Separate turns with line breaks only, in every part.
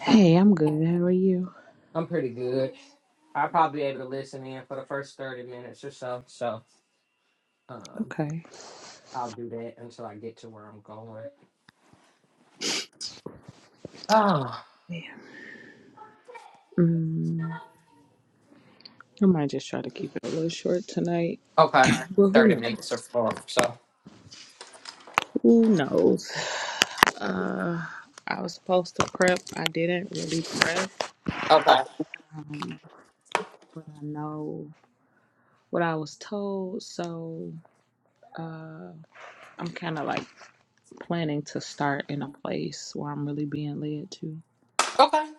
Hey, I'm good. How are you?
I'm pretty good. I'll probably be able to listen in for the first 30 minutes or so. So um,
Okay.
I'll do that until I get to where I'm going. Oh,
Yeah. Mm, I might just try to keep it a little short tonight.
okay.
Well, who
30 minutes or
knows?
four. So,
Who knows? Uh, I was supposed to prep. I didn't really prep.
okay.
Um, but I know what I was told. So uh, I'm kind of like planning to start in a place where I'm really being led to.
Okay.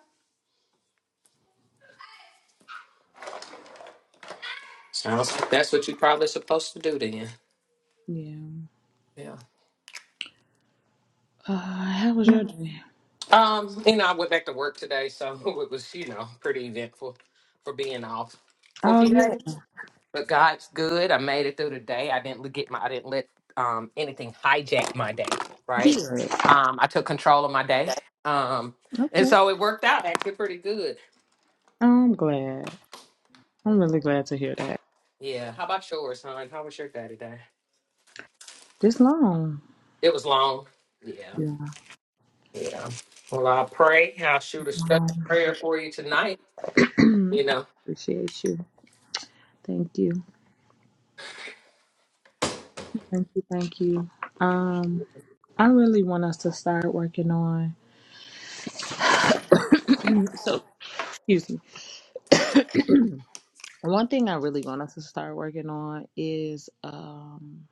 Sounds like that's what you're probably supposed to do then.
Yeah.
Yeah.
Uh, how was your day?
Um, you know, I went back to work today, so it was, you know, pretty eventful for being off for a
Oh,
few
yeah.
days. But God's good. I made it through the day. I didn't get my I didn't let um anything hijack my day, right?
Good.
Um I took control of my day. Um and
Okay.
so it worked out actually pretty good.
I'm glad. I'm really glad to hear that.
Yeah. How about yours, hon? How was your day today?
This long.
It was long. Yeah.
Yeah.
Yeah. Well, I'll pray. I'll shoot a special prayer for you tonight,
Um,
you know.
appreciate you. Thank you. Thank you. Thank you. Um, I really want us to start working on. so, excuse me. One thing I really want us to start working on is um,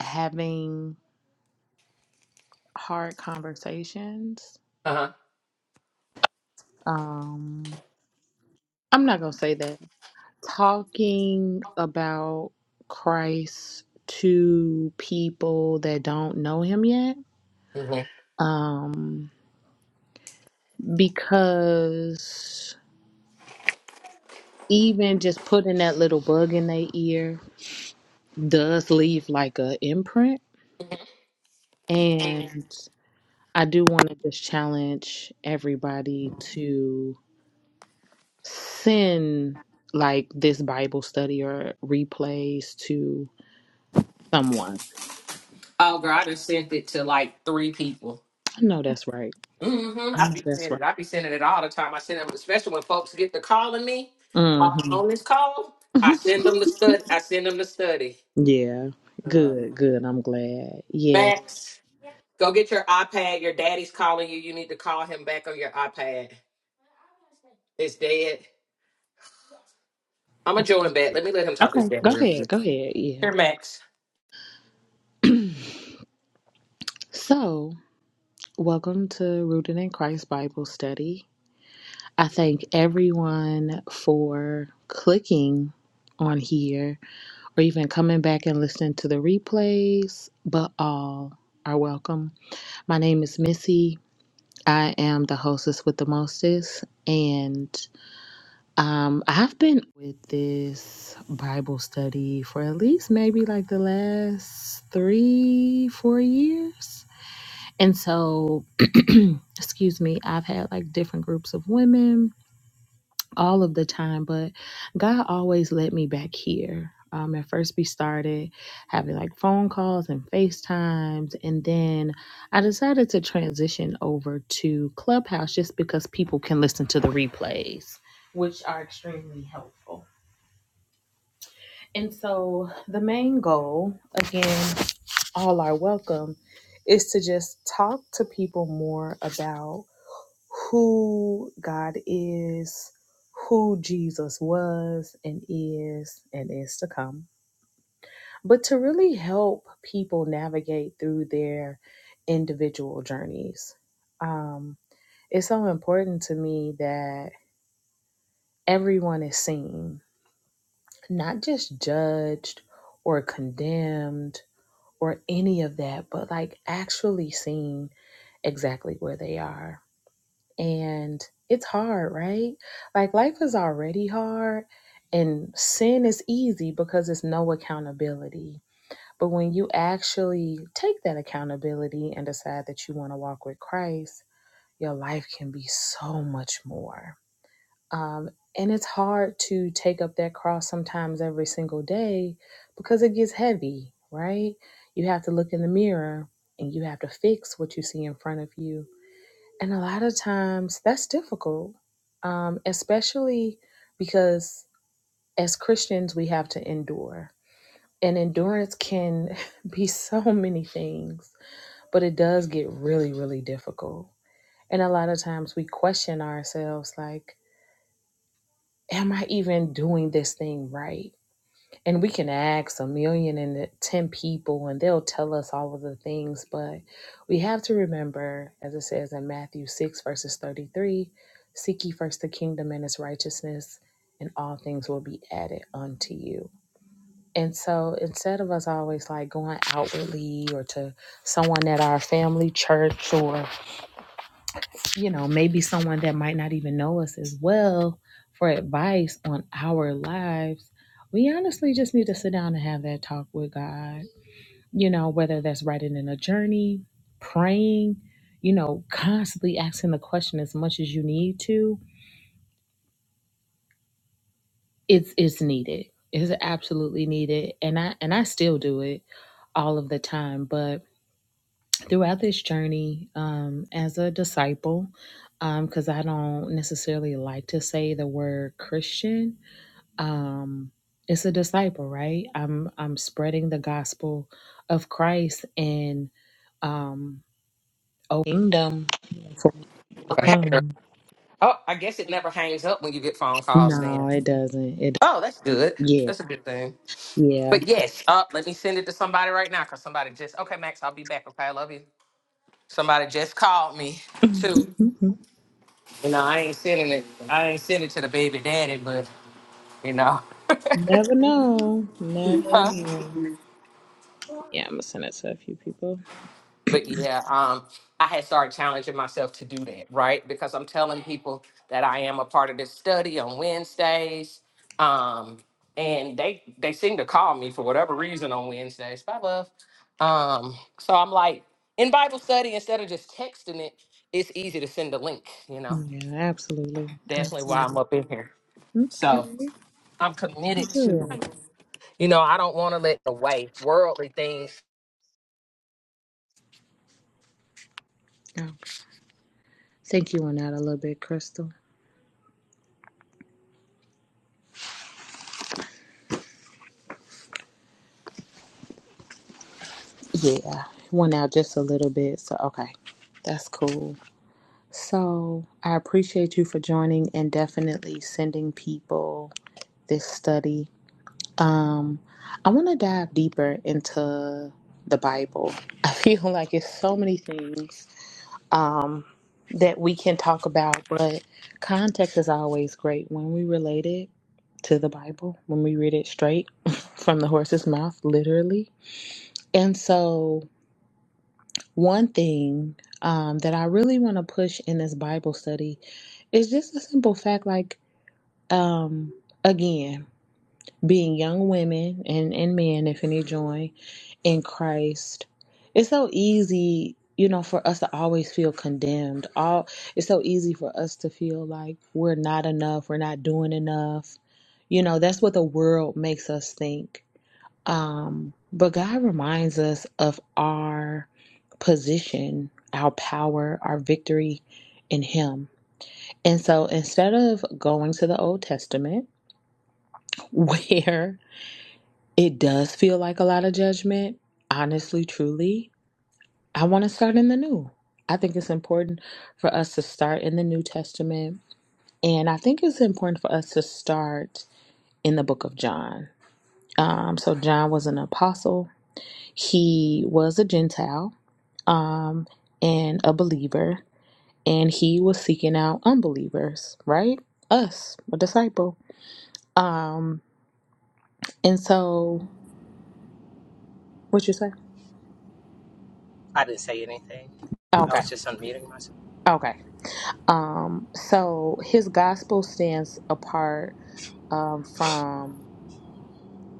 having hard conversations.
Uh-huh.
Um, I'm not gonna say that talking about Christ to people that don't know him yet.
hmm
Um, because even just putting that little bug in their ear does leave like a imprint. And I do want to just challenge everybody to send like this Bible study or replays to someone.
Oh girl, I just sent it to like three people.
I know that's right.
Mm-hmm.
I
I
know
be
that's
saying it. I be sending it all the time. I send them, especially when folks get to calling me while I'm
right.
on this call. I
hmm
send them to study. I send them to study.
Yeah,
Uh,
good, good. I'm glad. Yeah.
Max, go get your iPad. Your daddy's calling you. You need to call him back on your iPad. It's dead. I'm a join back. Let me let him talk to his
Okay,
daddy
go
real
ahead,
quick.
go ahead. Yeah.
Here, Max.
So, welcome to Rooted in Christ Bible Study. I thank everyone for clicking on here or even coming back and listening to the replays, but all are welcome. My name is Missy. I am the hostess with the mostest, and Um, I have been with this Bible study for at least maybe like the last three, four years. And so, excuse me, I've had like different groups of women all of the time, but God always led me back here. Um, at first, we started having like phone calls and FaceTimes. And then I decided to transition over to Clubhouse just because people can listen to the replays, which are extremely helpful. And so the main goal, again, all are welcome, is to just talk to people more about who God is, who Jesus was and is and is to come, but to really help people navigate through their individual journeys. Um, it's so important to me that everyone is seen, not just judged or condemned or any of that, but like actually seeing exactly where they are. And it's hard, right? Like life is already hard, and sin is easy because it's no accountability. But when you actually take that accountability and decide that you want to walk with Christ, your life can be so much more. Um, and it's hard to take up that cross sometimes every single day because it gets heavy, right? You have to look in the mirror and you have to fix what you see in front of you. And a lot of times that's difficult, um, especially because as Christians, we have to endure. And endurance can be so many things, but it does get really, really difficult. And a lot of times we question ourselves like, am I even doing this thing right? And we can ask a million and ten people, and they'll tell us all of the things, but we have to remember, as it says in Matthew 6, verses 33 Seek ye first the kingdom and its righteousness, and all things will be added unto you. And so instead of us always like going outwardly or to someone at our family church or you know, maybe someone that might not even know us as well for advice on our lives, we honestly just need to sit down and have that talk with God. You know, whether that's writing in a journey, praying, you know, constantly asking the question as much as you need to, it's it's needed. It's absolutely needed. And I and I still do it all of the time. But throughout this journey um, as a disciple, because I don't necessarily like to say the word Christian. Um, it's a disciple, right? I'm I'm spreading the gospel of Christ and um, a kingdom. for
Okay.
some.
Oh, I guess it never hangs up when you get phone calls. Then.
No, it doesn't. It
Oh, that's good.
yeah
That's a good thing.
yeah.
But yes, uh, let me send it to somebody right now because somebody just okay, Max, I'll be back. Okay, I love you. Somebody just called me too. You know, I ain't sending it. I ain't sending it to the baby daddy, but you know,
Never know. Never
Huh?
know. Yeah, I'm gonna send it to a few people.
But yeah, um, I had started challenging myself to do that, right? Because I'm telling people that I am a part of this study on Wednesdays. Um, and they they seem to call me for whatever reason on Wednesdays. Bye love. Um, so I'm like, in Bible study, instead of just texting it, it's easy to send a link, you know.
Yeah, absolutely.
Definitely why I'm
Absolutely.
up in here. So
Okay.
I'm committed to,
Good.
you know, I don't want to let the way worldly things.
Oh, I think you went out a little bit, Crystal. Yeah, went out just a little bit. So, okay, that's cool. So, I appreciate you for joining and definitely sending people this study. Um, I want to dive deeper into the Bible. I feel like it's so many things um, that we can talk about, but context is always great when we relate it to the Bible, when we read it straight from the horse's mouth, literally And so, one thing um, that I really want to push in this Bible study is just a simple fact like, um, again, being young women and, and men, if any join in Christ, it's so easy, you know, for us to always feel condemned. All It's so easy for us to feel like we're not enough, we're not doing enough. You know, that's what the world makes us think. Um, but God reminds us of our position, our power, our victory in Him. And so instead of going to the Old Testament, where it does feel like a lot of judgment, honestly, truly, I want to start in the New. I think it's important for us to start in the New Testament. And I think it's important for us to start in the book of John. Um, so, John was an apostle, he was a Gentile um, and a believer, and he was seeking out unbelievers, right? Us, a disciple. Um, and so, what you say?
I didn't say anything. I
Okay,
was just unmuting myself.
okay. Um, so his gospel stands apart um, from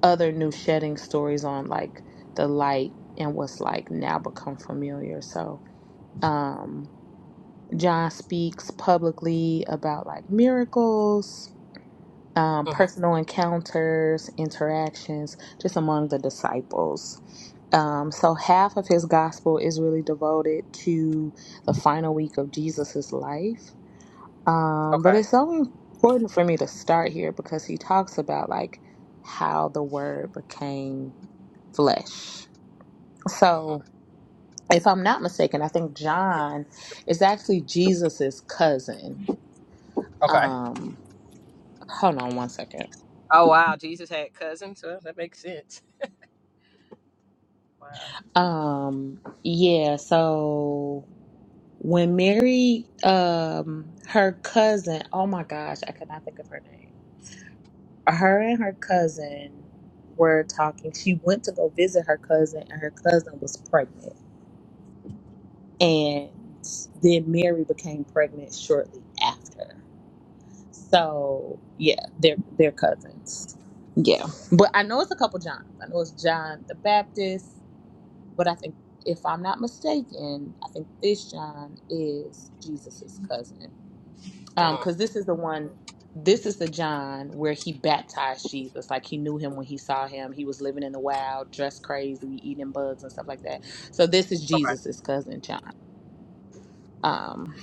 other new shedding stories on like the light and what's like now become familiar. So, um, John speaks publicly about like miracles um,
hmm
personal encounters, interactions, just among the disciples. Um, so, half of his gospel is really devoted to the final week of Jesus's life. Um, but
Okay.
it's so important for me to start here because he talks about like how the word became flesh.
hmm
So, if I'm not mistaken, I think John is actually Jesus's cousin.
Okay.
Um, hold on one second.
Oh wow, Jesus had cousins. Well, that makes sense. Wow.
Um, yeah, so when Mary, um, her cousin, oh my gosh, I could not think of her name. Her and her cousin were talking. She went to go visit her cousin, and her cousin was pregnant. And then Mary became pregnant shortly after. So yeah, they're they're cousins. Yeah. But I know it's a couple Johns. I know it's John the Baptist But I think, if I'm not mistaken, I think this John is Jesus's cousin. Um,
hmm
because this is the one, this is the John where he baptized Jesus. Like he knew him when he saw him. He was living in the wild, dressed crazy, eating bugs and stuff like that. So this is
Okay.
Jesus's cousin John. Um,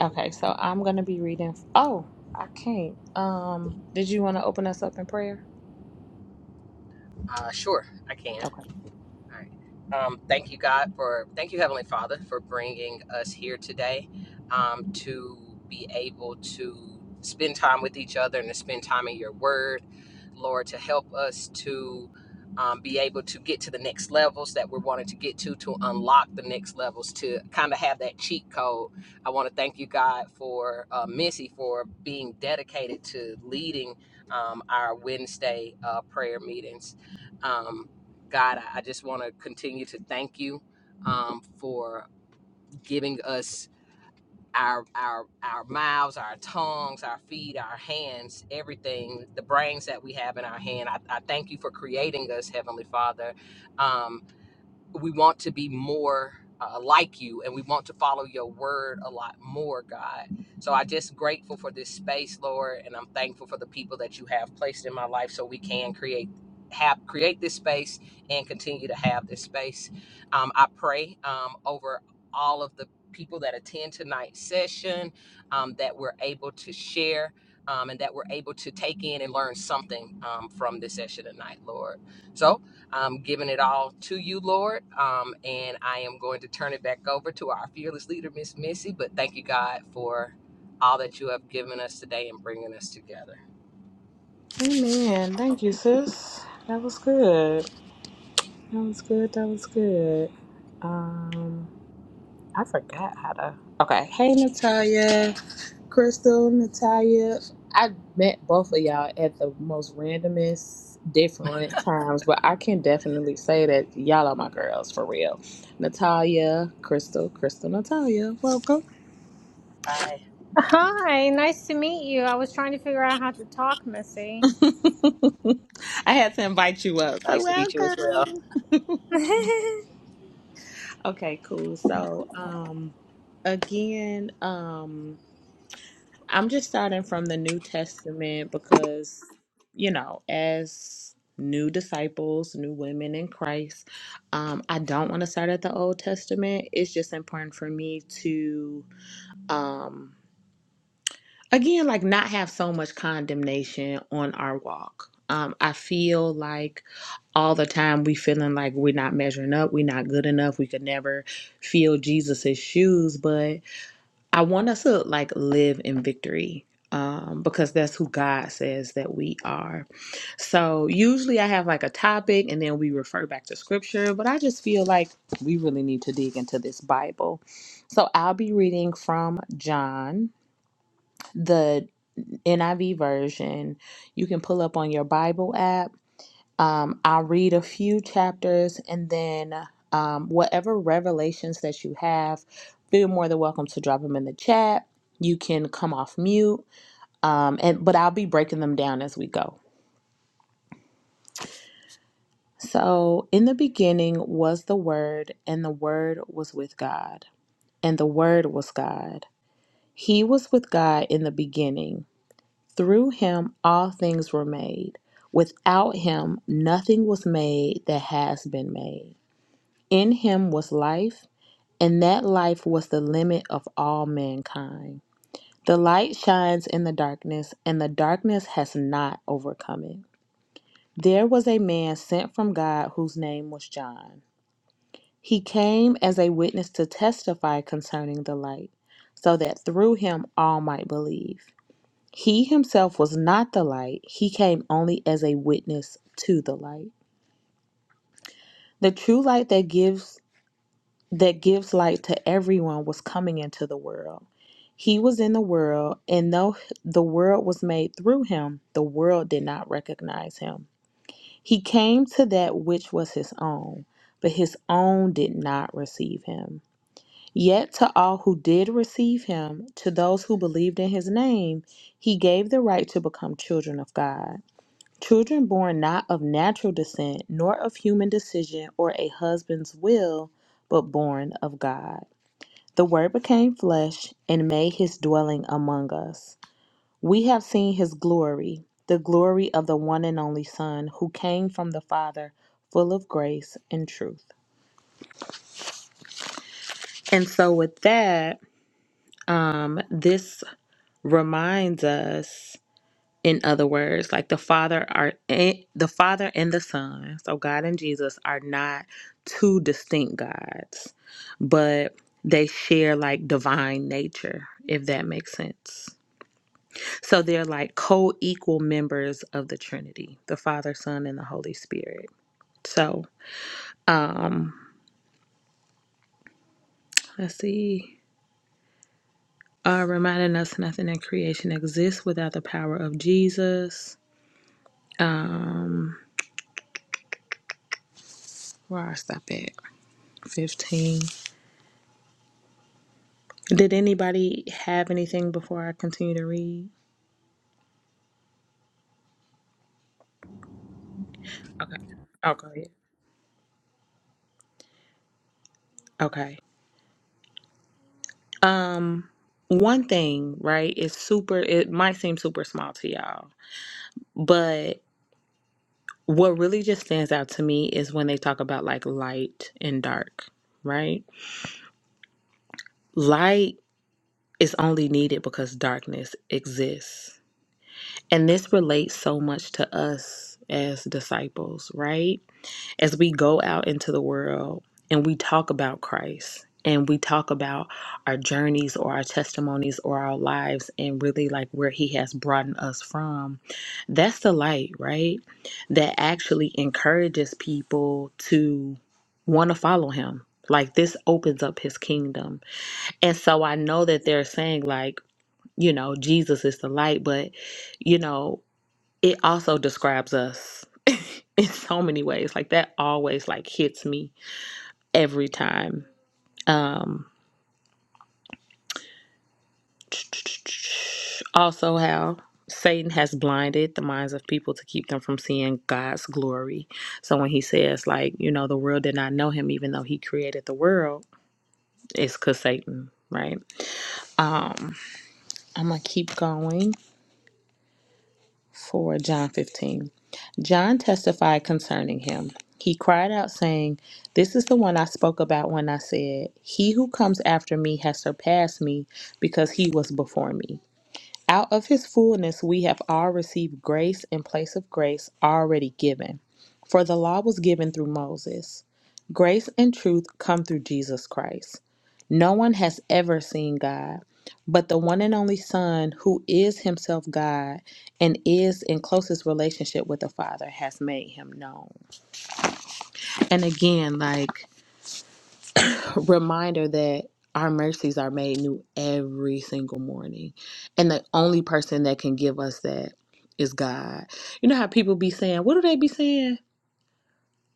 okay, so I'm gonna be reading. Oh, I can't. Um, did you want to open us up in prayer?
Uh, sure, I can.
Okay.
All right. Um, thank you, God, for thank you, Heavenly Father, for bringing us here today um, to be able to spend time with each other and to spend time in Your Word, Lord, to help us to um, be able to get to the next levels that we're wanting to get to, to unlock the next levels, to kind of have that cheat code. I want to thank you, God, for uh, Missy for being dedicated to leading um, our Wednesday uh, prayer meetings. Um, God, I just want to continue to thank you um, for giving us our our our mouths, our tongues, our feet, our hands, everything, the brains that we have in our hand. I, I thank you for creating us, Heavenly Father. Um, we want to be more uh, like you and we want to follow your word a lot more god so i just grateful for this space lord and i'm thankful for the people that you have placed in my life so we can create have create this space and continue to have this space um, i pray um, over all of the people that attend tonight's session um, that we're able to share um, and that we're able to take in and learn something um, from this session tonight lord So. I'm giving it all to you, Lord. Um, and I am going to turn it back over to our fearless leader, Miss Missy. But thank you, God, for all that you have given us today and bringing us together.
Amen. Thank you, sis. That was good. That was good. That was good. Um, I forgot how to. Okay. Hey, Natalia, Crystal, Natalia. I met both of y'all at the most randomest, different times, but I can definitely say that y'all are my girls for real. Natalia, Crystal, Crystal, Natalia, welcome.
Hi.
Hi, nice to meet you. I was trying to figure out how to talk, Missy.
I had to invite you up, so
Nice to meet you as well.
welcome. Okay, cool. So, um, again, um. I'm just starting from the New Testament because, you know, as new disciples, new women in Christ, um, I don't want to start at the Old Testament. It's just important for me to, um, again, like not have so much condemnation on our walk. Um, I feel like all the time we feeling like we're not measuring up, we're not good enough, we could never feel Jesus's shoes, but. I want us to like live in victory um, because that's who God says that we are. So usually I have like a topic and then we refer back to scripture, but I just feel like we really need to dig into this Bible. So I'll be reading from John, the NIV version. You can pull up on your Bible app um, I'll read a few chapters and then um, whatever revelations that you have, feel more than welcome to drop them in the chat. You can come off mute, um, and but I'll be breaking them down as we go. So, in the beginning was the Word, and the Word was with God, and the Word was God. He was with God in the beginning. Through him, all things were made. Without him, nothing was made that has been made. In him was life, and that life was the limit of all mankind. The light shines in the darkness, and the darkness has not overcome it. There was a man sent from God whose name was John. He came as a witness to testify concerning the light, so that through him all might believe. He himself was not the light, he came only as a witness to the light. The true light that gives that gives light to everyone was coming into the world. He was in the world, and though the world was made through him, the world did not recognize him. He came to that which was his own, but his own did not receive him. Yet to all who did receive him, to those who believed in his name, he gave the right to become children of God. Children born not of natural descent, nor of human decision or a husband's will, but born of God. The Word became flesh and made his dwelling among us. We have seen his glory, the glory of the one and only Son who came from the Father, full of grace and truth. And so, with that, um, this reminds us, in other words, like the Father are the Father and the Son, so God and Jesus are not two distinct gods, but they share like divine nature, if that makes sense. So they're like co equal members of the Trinity, the Father, Son, and the Holy Spirit. So let's see. Uh, reminding us nothing in creation exists without the power of Jesus. Where I stop at? 15. Did anybody have anything before I continue to read? Okay. i go ahead. Okay. Um, one thing, right? It's super, it might seem super small to y'all, but. What really just stands out to me is when they talk about like light and dark, right? Light is only needed because darkness exists. And this relates so much to us as disciples, right? as we go out into the world and we talk about Christ and we talk about our journeys or our testimonies or our lives and really like where he has brought us from that's the light right that actually encourages people to want to follow him like this opens up his kingdom and so i know that they're saying like you know jesus is the light but you know it also describes us in so many ways. Like that always like hits me every time. Um also how Satan has blinded the minds of people to keep them from seeing God's glory. So when he says like, you know, the world did not know him even though he created the world, it's cuz Satan, right? Um I'm going to keep going. for John 15. John testified concerning him. He cried out, saying, This is the one I spoke about when I said, He who comes after me has surpassed me because he was before me. Out of his fullness we have all received grace in place of grace already given. For the law was given through Moses. Grace and truth come through Jesus Christ. No one has ever seen God, but the one and only Son, who is himself God and is in closest relationship with the Father, has made him known. And again, like reminder that our mercies are made new every single morning. And the only person that can give us that is God. You know how people be saying, what do they be saying?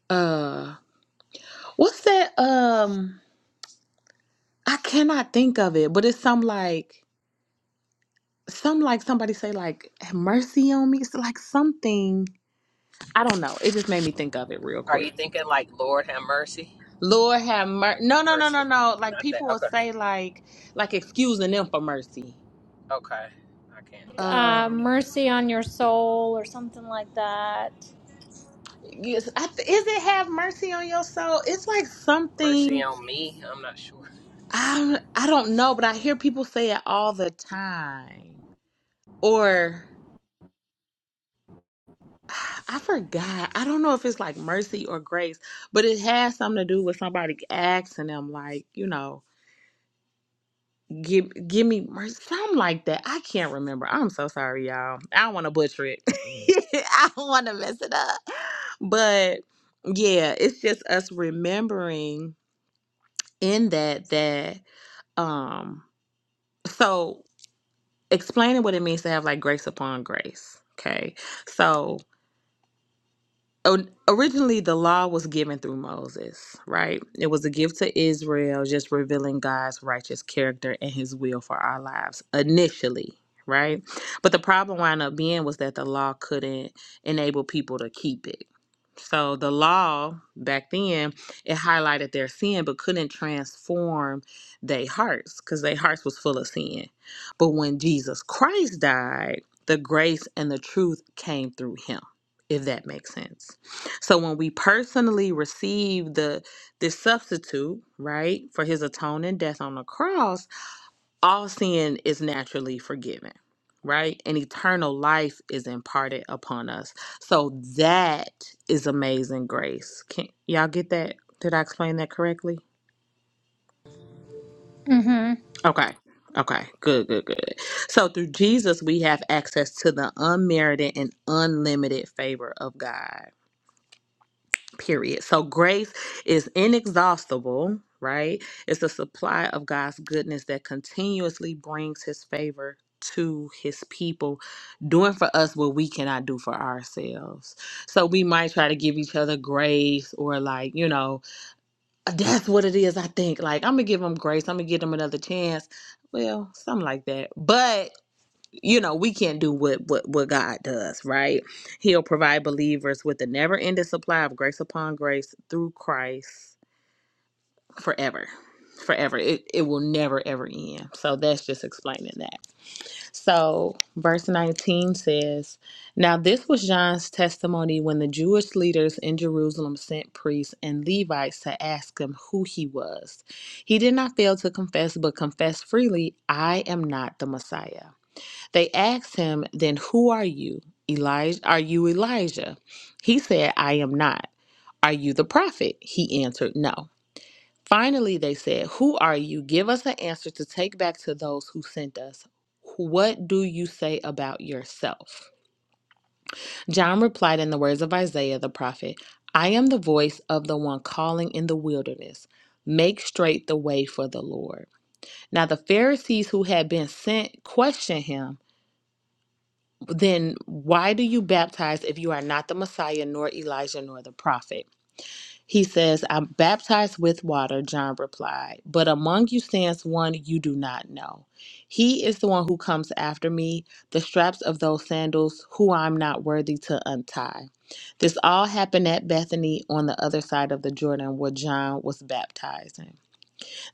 Uh what's that? Um I cannot think of it, but it's some like some like somebody say like "Have mercy on me. It's like something I don't know. It just made me think of it real
Are
quick.
you thinking like Lord have mercy?
Lord have mercy. No, no, no, no,
Mercy.
no. Like
Not that.
people will
Okay.
say like like excusing them for mercy.
Okay. I can't. I'm not
uh,
sure.
Um
mercy on your soul, or something like that.
Yes, I th- is it have mercy on your soul? It's like
Mercy
something
on me. I'm not sure.
I I don't know, but I hear people say it all the time. Or I forgot. I don't know if it's like mercy or grace, but it has something to do with somebody asking them, like you know, give give me mercy, something like that. I can't remember. I'm so sorry, y'all. I don't want to butcher it. I don't want to mess it up. But yeah, it's just us remembering in that that. Um, so explaining what it means to have like grace upon grace. Okay. So o- originally the law was given through Moses, right? It was a gift to Israel, just revealing God's righteous character and his will for our lives initially, right? But the problem wound up being was that the law couldn't enable people to keep it. So the law back then it highlighted their sin but couldn't transform their hearts because their hearts was full of sin. But when Jesus Christ died, the grace and the truth came through him, if that makes sense. So when we personally receive the this substitute, right, for his atoning death on the cross, all sin is naturally forgiven, right? And eternal life is imparted upon us. So that is amazing grace. Can y'all get that? Did I explain that correctly?
hmm
Okay. Okay. Good, good, good. So through Jesus we have access to the unmerited and unlimited favor of God period. So grace is inexhaustible, right? It's a supply of God's goodness that continuously brings his favor to his people, doing for us what we cannot do for ourselves. So we might try to give each other grace or like, you know, that's what it is, I think. Like, I'm going to give them grace. I'm going to give them another chance. Well, something like that. But you know we can't do what what what god does right he'll provide believers with a never-ending supply of grace upon grace through christ forever forever it, it will never ever end so that's just explaining that so verse 19 says now this was john's testimony when the jewish leaders in jerusalem sent priests and levites to ask him who he was he did not fail to confess but confessed freely i am not the messiah they asked him, Then who are you? Elijah, are you Elijah? He said, I am not. Are you the prophet? He answered, No. Finally, they said, Who are you? Give us an answer to take back to those who sent us. What do you say about yourself? John replied in the words of Isaiah the prophet I am the voice of the one calling in the wilderness. Make straight the way for the Lord. Now, the Pharisees who had been sent questioned him. then why do you baptize if you are not the Messiah, nor Elijah, nor the prophet? He says, I'm baptized with water, John replied, but among you stands one you do not know. He is the one who comes after me, the straps of those sandals, who I'm not worthy to untie. This all happened at Bethany on the other side of the Jordan where John was baptizing.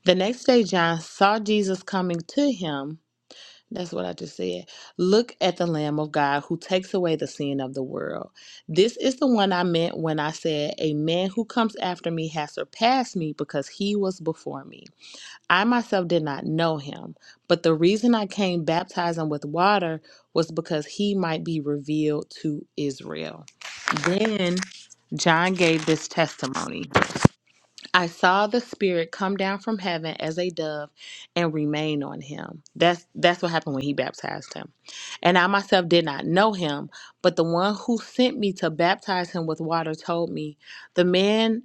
The next day, John saw Jesus coming to him that's what I just said. Look at the Lamb of God who takes away the sin of the world. This is the one I meant when I said, A man who comes after me has surpassed me because he was before me. I myself did not know him, but the reason I came baptizing with water was because he might be revealed to Israel. Then John gave this testimony. I saw the spirit come down from heaven as a dove and remain on him. That's that's what happened when he baptized him. And I myself did not know him, but the one who sent me to baptize him with water told me, "The man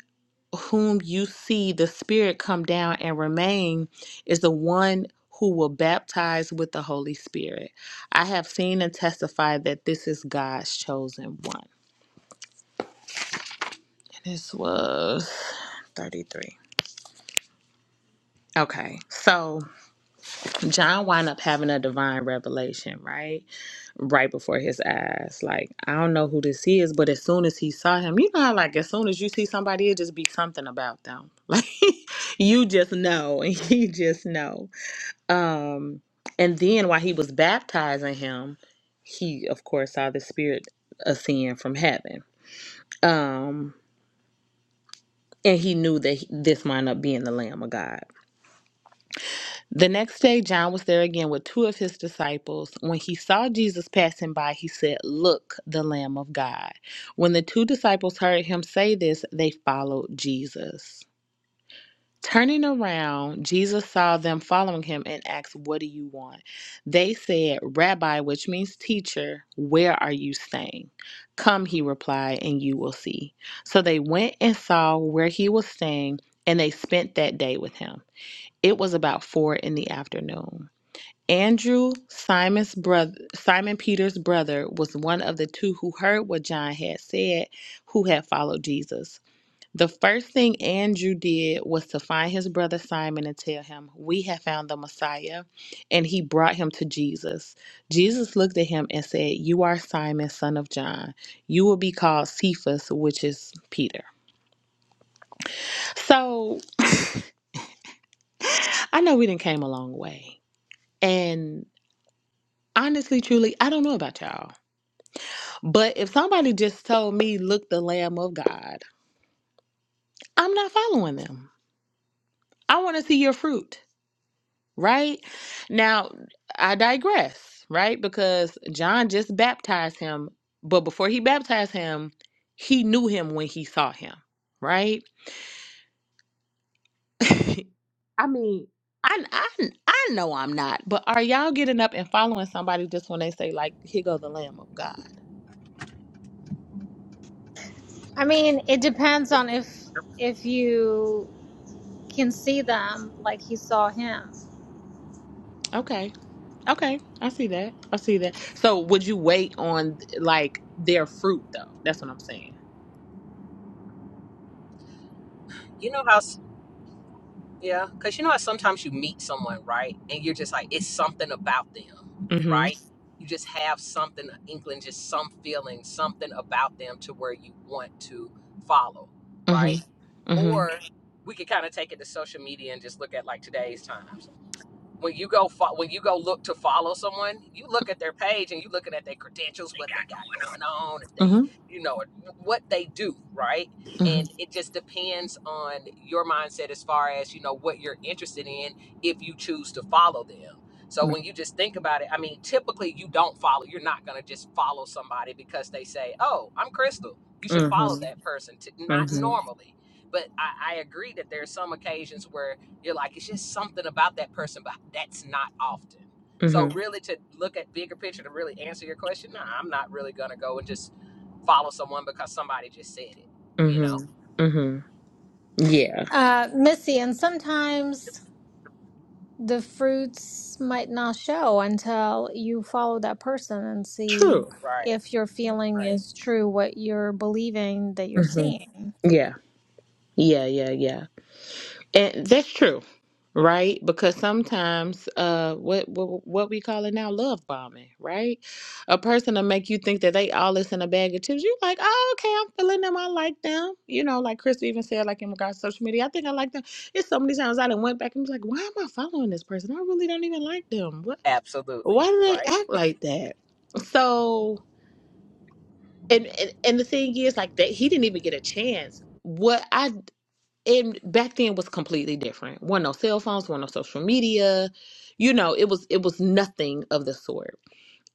whom you see the spirit come down and remain is the one who will baptize with the Holy Spirit. I have seen and testified that this is God's chosen one." And this was 33. Okay. So, John wound up having a divine revelation, right? Right before his eyes. Like, I don't know who this is, but as soon as he saw him, you know how like as soon as you see somebody, it just be something about them. Like you just know, and you just know. Um, and then while he was baptizing him, he of course saw the spirit ascend from heaven. Um, and he knew that he- this wound up being the Lamb of God. The next day, John was there again with two of his disciples. When he saw Jesus passing by, he said, Look, the Lamb of God. When the two disciples heard him say this, they followed Jesus. Turning around, Jesus saw them following him and asked, What do you want? They said, Rabbi, which means teacher, where are you staying? Come, he replied, and you will see. So they went and saw where he was staying, and they spent that day with him. It was about four in the afternoon. Andrew, Simon's brother, Simon Peter's brother, was one of the two who heard what John had said, who had followed Jesus. The first thing Andrew did was to find his brother Simon and tell him, We have found the Messiah. And he brought him to Jesus. Jesus looked at him and said, You are Simon, son of John. You will be called Cephas, which is Peter. So I know we didn't came a long way. And honestly, truly, I don't know about y'all. But if somebody just told me, look, the Lamb of God, I'm not following them. I want to see your fruit, right? Now, I digress, right? Because John just baptized him, but before he baptized him, he knew him when he saw him, right? I mean, I, I, I know I'm not, but are y'all getting up and following somebody just when they say, like, here go the Lamb of God?
I mean, it depends on if if you can see them like you saw him,
Okay. Okay, I see that. I see that. So, would you wait on like their fruit though? That's what I'm saying.
You know how, s- yeah, because you know how sometimes you meet someone, right? And you're just like, it's something about them,
Mhm.
right? You just have something, an inkling, just some feeling, something about them to where you want to follow, right?
Mhm. Mhm.
Or we could kind of take it to social media and just look at like today's times. when you go fo- when you go look to follow someone, you look at their page and you looking at their credentials, what they got going on, if they,
Mhm.
you know, what they do, right?
Mhm.
And it just depends on your mindset as far as you know what you're interested in if you choose to follow them. So
No.
when you just think about it, I mean, typically you don't follow. You're not gonna just follow somebody because they say, "Oh, I'm Crystal. You should follow
Mhm.
that person." T- not
Mhm.
normally, but I, I agree that there's some occasions where you're like, it's just something about that person, but that's not often. So
Mhm.
really to look at bigger picture to really answer your question, nah, I'm not really gonna go and just follow someone because somebody just said it, you know?
Mhm. Mhm. Yeah.
uh, Missy. And sometimes the fruits might not show until you follow that person and see
True.
Right,
if your feeling
right.
is true, what you're believing that you're
Mhm.
seeing.
Yeah. Yeah. Yeah. Yeah. And that's true, right? Because sometimes uh what what, what we call it now love bombing, right? A person will make you think that they all is in a bag of chips. You like, oh okay, I'm feeling them, I like them. You know, like Chris even said, like in regards to social media, I think I like them. It's so many times I done went back and was like, why am I following this person? I really don't even like them. What why
Absolutely,
do they
right.
act like that? So and, and and the thing is like that he didn't even get a chance. What I and back then was completely different. One no cell phones, one no social media. You know, it was it was nothing of the sort.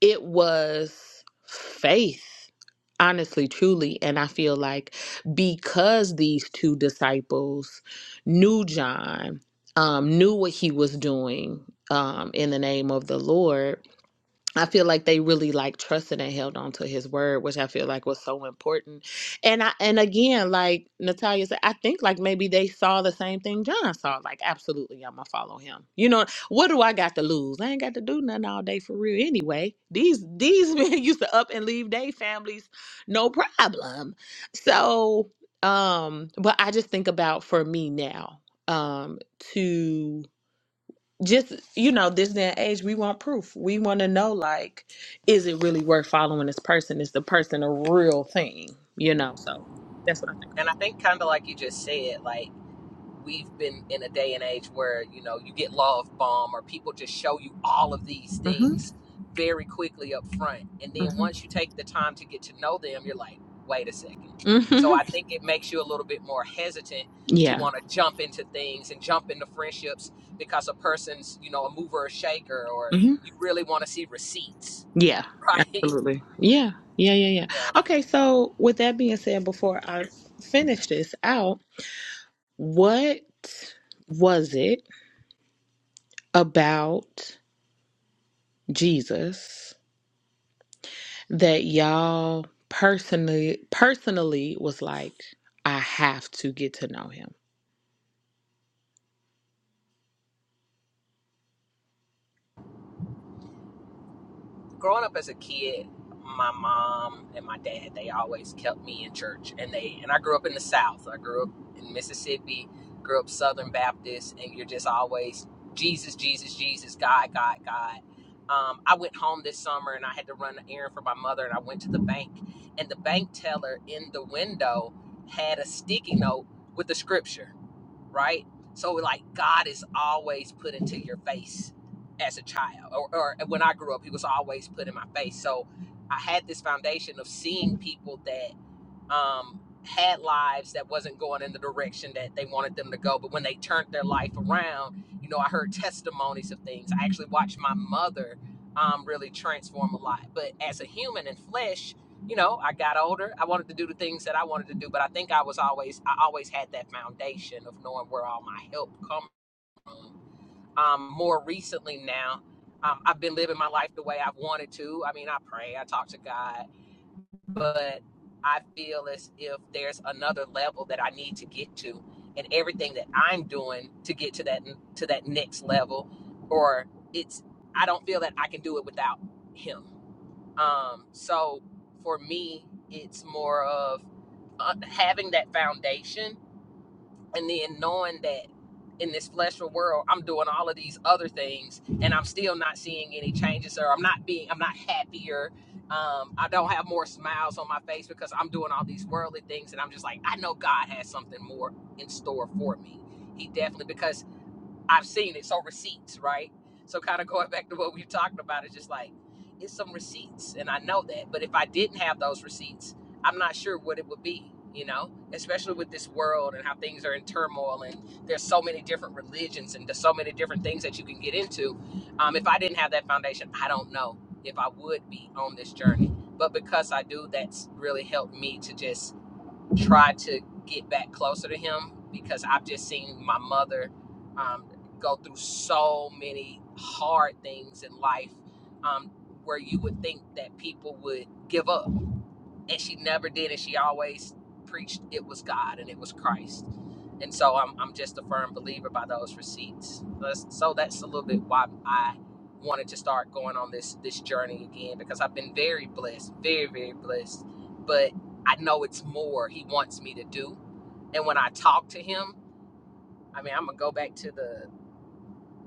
It was faith, honestly, truly. And I feel like because these two disciples knew John, um, knew what he was doing um, in the name of the Lord, I feel like they really like trusted and held on to his word, which I feel like was so important. And I and again, like Natalia said, I think like maybe they saw the same thing John saw. Like, absolutely, I'm gonna follow him. You know, what do I got to lose? I ain't got to do nothing all day for real anyway. These these men used to up and leave their families, no problem. So um, but I just think about for me now, um, to just you know this day and age we want proof we want to know like is it really worth following this person is the person a real thing you know so that's what i think about
And I think kinda like you just said, like we've been in a day and age where you know you get love bomb or people just show you all of these
mhm
things very quickly up front and then
mhm
once you take the time to get to know them you're like wait a second so
mhm
i think it makes you a little bit more hesitant to
yeah
want to jump into things and jump into friendships because a person's you know a mover or shaker or
mhm
you really want to see receipts
yeah
right
absolutely yeah yeah yeah yeah
Yeah.
okay so with that being said before i finish this out what was it about jesus that y'all personally personally was like, I have to get to know him.
growing up as a kid, my mom and my dad they always kept me in church, and they and I grew up in the South. I grew up in Mississippi, grew up Southern Baptist, and you're just always Jesus, Jesus, Jesus, God, God, God. Um, I went home this summer and I had to run an errand for my mother, and I went to the bank, and the bank teller in the window had a sticky note with the scripture right? So like God is always put into your face as a child, or, or when I grew up, He was always put in my face. So I had this foundation of seeing people that um, had lives that wasn't going in the direction that they wanted them to go. But when they turned their life around, you know, I heard testimonies of things. I actually watched my mother um, really transform a lot. But as a human in flesh, you know, I got older. I wanted to do the things that I wanted to do, but I think I was always, I always had that foundation of knowing where all my help come from. Um, more recently now, um, I've been living my life the way I've wanted to. I mean, I pray, I talk to God, but I feel as if there's another level that I need to get to, and everything that I'm doing to get to that to that next level, or it's I don't feel that I can do it without him. Um, so for me, it's more of uh, having that foundation and then knowing that in this fleshly world i'm doing all of these other things and i'm still not seeing any changes or i'm not being i'm not happier um, i don't have more smiles on my face because i'm doing all these worldly things and i'm just like i know god has something more in store for me he definitely because I've seen it. So receipts, right? So kind of going back to what we talked about, it's just like it's some receipts, and I know that. But if I didn't have those receipts, I'm not sure what it would be. You know, especially with this world and how things are in turmoil, and there's so many different religions and there's so many different things that you can get into. Um, if I didn't have that foundation, I don't know if I would be on this journey. But because I do, that's really helped me to just try to get back closer to him because I've just seen my mother um, go through so many hard things in life um, where you would think that people would give up and she never did and she always preached it was god and it was christ and so i'm, I'm just a firm believer by those receipts That's- so that's a little bit why i wanted to start going on this this journey again because i've been very blessed very very blessed but i know it's more he wants me to do and when i talk to him i mean i'm gonna go back to the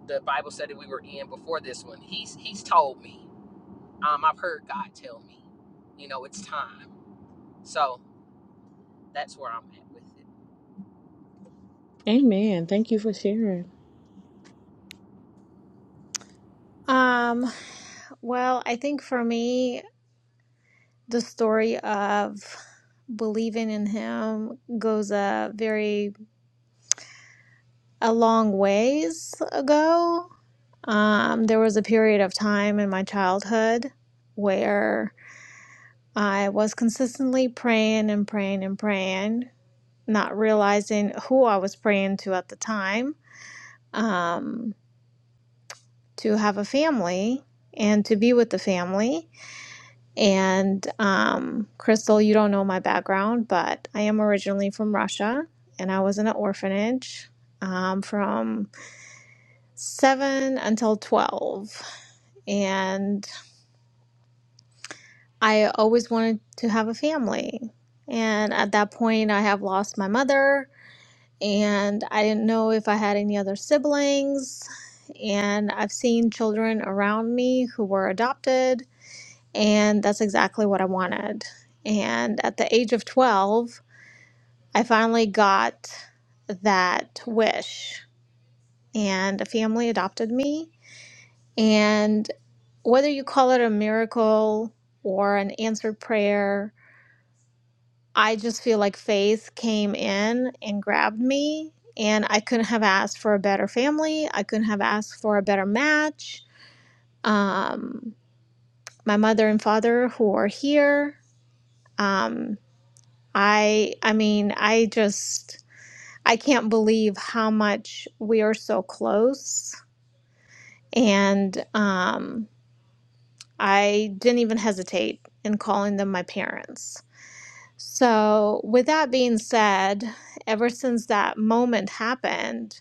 the bible study we were in before this one he's he's told me um, i've heard god tell me you know it's time so that's where i'm at with it
Amen. Thank you for sharing.
Um, well, I think for me, the story of believing in him goes a very a long ways ago. Um, there was a period of time in my childhood where I was consistently praying and praying and praying, not realizing who I was praying to at the time, um, to have a family and to be with the family. And um, Crystal, you don't know my background, but I am originally from Russia and I was in an orphanage um, from seven until 12. And I always wanted to have a family. And at that point, I have lost my mother and I didn't know if I had any other siblings. And I've seen children around me who were adopted, and that's exactly what I wanted. And at the age of 12, I finally got that wish, and a family adopted me. And whether you call it a miracle or an answered prayer, I just feel like faith came in and grabbed me. And I couldn't have asked for a better family. I couldn't have asked for a better match. Um, my mother and father who are here. Um, I I mean, I just I can't believe how much we are so close. And um, I didn't even hesitate in calling them my parents. So, with that being said, ever since that moment happened,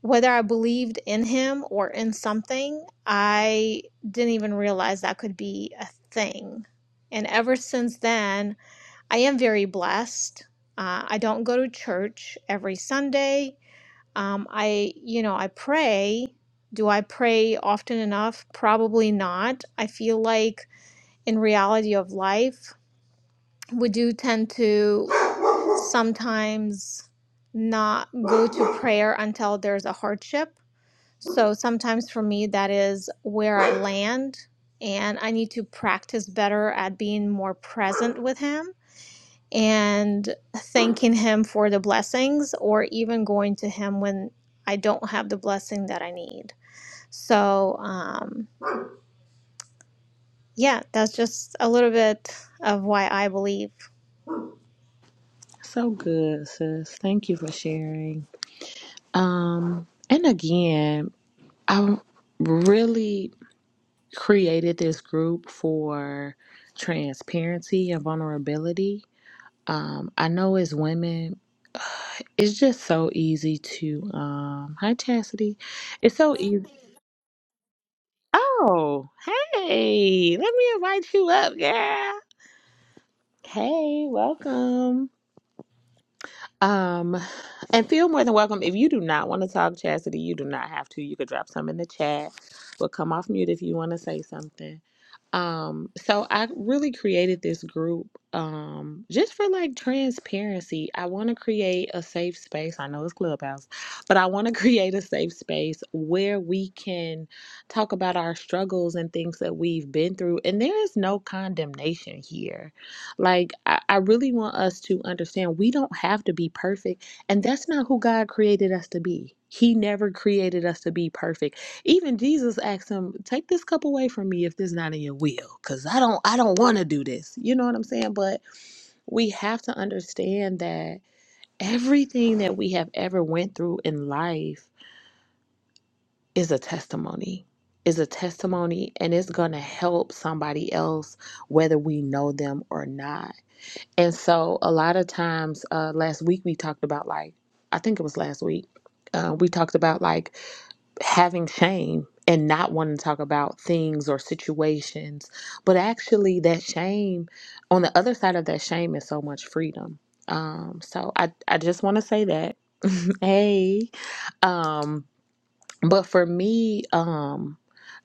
whether I believed in him or in something, I didn't even realize that could be a thing. And ever since then, I am very blessed. Uh, I don't go to church every Sunday. um, I, you know, I pray. Do I pray often enough? Probably not. I feel like in reality of life, we do tend to sometimes not go to prayer until there's a hardship. So sometimes for me, that is where I land, and I need to practice better at being more present with Him and thanking Him for the blessings, or even going to Him when I don't have the blessing that I need. So, um, yeah, that's just a little bit of why I believe.
So good, sis. Thank you for sharing. Um, and again, I really created this group for transparency and vulnerability. Um, I know as women, uh, it's just so easy to um hi Chastity. It's so easy. Oh, hey, let me invite you up, girl. Hey, welcome. Um, and feel more than welcome. If you do not want to talk chastity, you do not have to. You could drop some in the chat. We'll come off mute if you want to say something. Um, so I really created this group um just for like transparency. I want to create a safe space. I know it's clubhouse, but I want to create a safe space where we can talk about our struggles and things that we've been through. And there is no condemnation here like, I, I really want us to understand we don't have to be perfect. And that's not who God created us to be. He never created us to be perfect. Even Jesus asked him, Take this cup away from me if this not in your will. Cause I don't I don't want to do this. You know what I'm saying? But we have to understand that everything that we have ever went through in life is a testimony. Is a testimony and it's gonna help somebody else whether we know them or not and so a lot of times, uh, last week we talked about like, I think it was last week, uh, we talked about like having shame and not wanting to talk about things or situations. But actually, that shame, on the other side of that shame, is so much freedom. Um, so I, I just want to say that. hey. Um, but for me, um,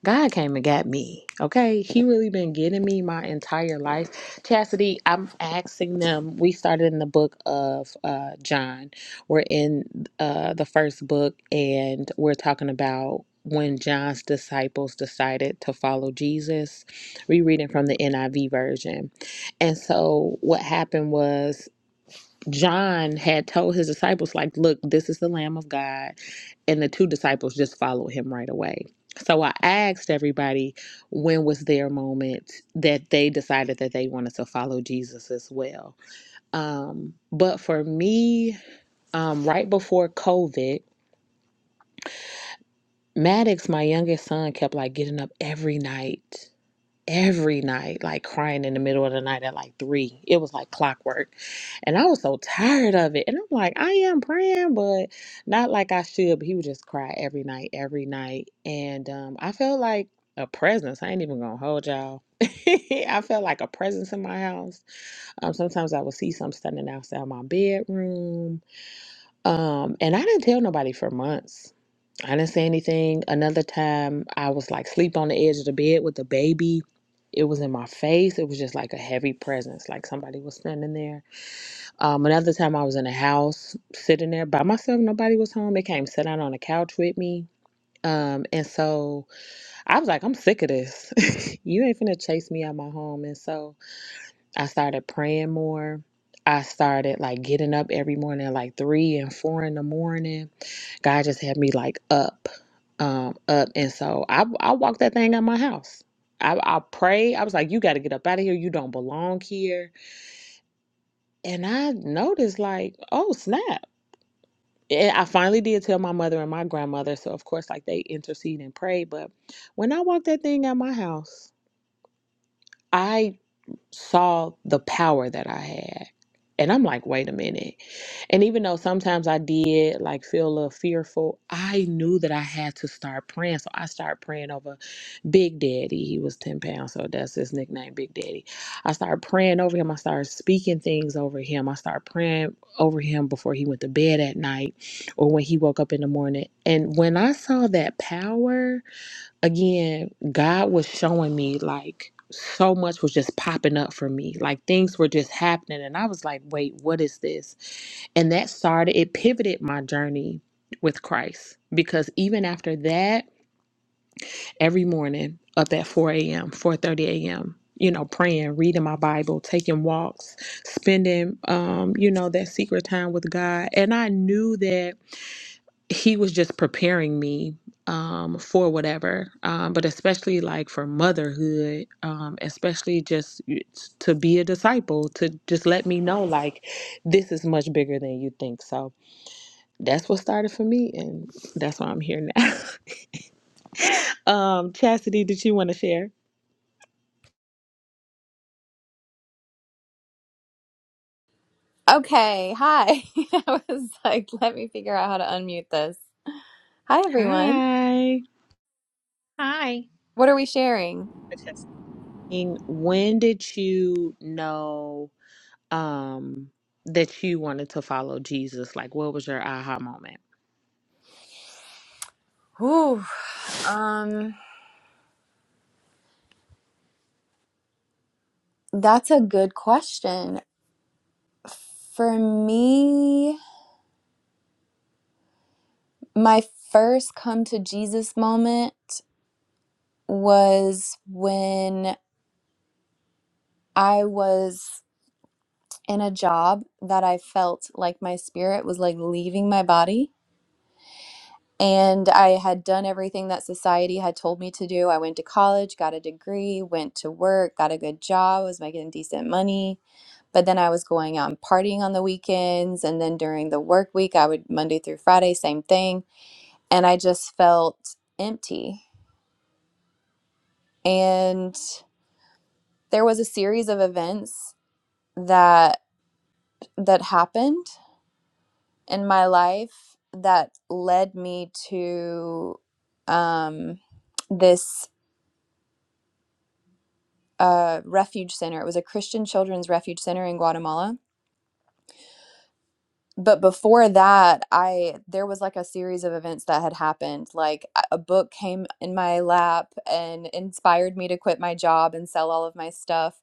God came and got me. Okay, He really been getting me my entire life. Chastity, I'm asking them. We started in the book of uh, John. We're in uh, the first book, and we're talking about when John's disciples decided to follow Jesus. We reading from the NIV version, and so what happened was John had told his disciples, like, look, this is the Lamb of God. And the two disciples just followed him right away. So I asked everybody when was their moment that they decided that they wanted to follow Jesus as well. Um, but for me, um, right before COVID, Maddox, my youngest son, kept like getting up every night every night, like crying in the middle of the night at like three. It was like clockwork. And I was so tired of it. And I'm like, I am praying, but not like I should. But he would just cry every night, every night. And um, I felt like a presence. I ain't even gonna hold y'all. I felt like a presence in my house. Um, sometimes I would see something standing outside my bedroom. Um, and I didn't tell nobody for months. I didn't say anything. Another time, I was like sleep on the edge of the bed with the baby. It was in my face. It was just like a heavy presence, like somebody was standing there. Um, another time, I was in the house sitting there by myself. Nobody was home. They came sit down on the couch with me. Um, and so I was like, I'm sick of this. you ain't finna chase me out of my home. And so I started praying more. I started like getting up every morning at like three and four in the morning God just had me like up, um, up, and so I I walked that thing out my house. I I prayed. I was like, you got to get up out of here. You don't belong here. And I noticed like, oh snap. And I finally did tell my mother and my grandmother. So of course, like they intercede and pray. But when I walked that thing out my house, I saw the power that I had. And I'm like, wait a minute. And even though sometimes I did like feel a little fearful, I knew that I had to start praying. So I started praying over Big Daddy. He was 10 pounds, so that's his nickname, Big Daddy. I started praying over him. I started speaking things over him. I started praying over him before he went to bed at night or when he woke up in the morning. And when I saw that power, again, God was showing me like so much was just popping up for me. Like things were just happening. And I was like, wait, what is this? And that started, it pivoted my journey with Christ. Because even after that, every morning up at 4 a.m., 4:30 a.m., you know, praying, reading my Bible, taking walks, spending um, you know, that secret time with God. And I knew that he was just preparing me um, for whatever, um, but especially like for motherhood, um, especially just to be a disciple, to just let me know like this is much bigger than you think. So that's what started for me, and that's why I'm here now. um, Chastity, did you want to share?
Okay, hi. I was like, let me figure out how to unmute this. Hi, everyone.
Hi.
Hi,
What are we sharing?
Okay.
And When did you know um, that you wanted to follow Jesus? Like, what was your aha moment?
Ooh, um, that's a good question. For me, my first come to Jesus moment was when I was in a job that I felt like my spirit was like leaving my body And I had done everything that society had told me to do. I went to college, got a degree, went to work, got a good job, was making decent money. But then I was going out and partying on the weekends. And then during the work week, I would Monday through Friday, same thing. And I just felt empty. And there was a series of events that that happened in my life that led me to um, this a refuge center. It was a Christian children's refuge center in Guatemala. But before that, I there was like a series of events that had happened. Like a book came in my lap and inspired me to quit my job and sell all of my stuff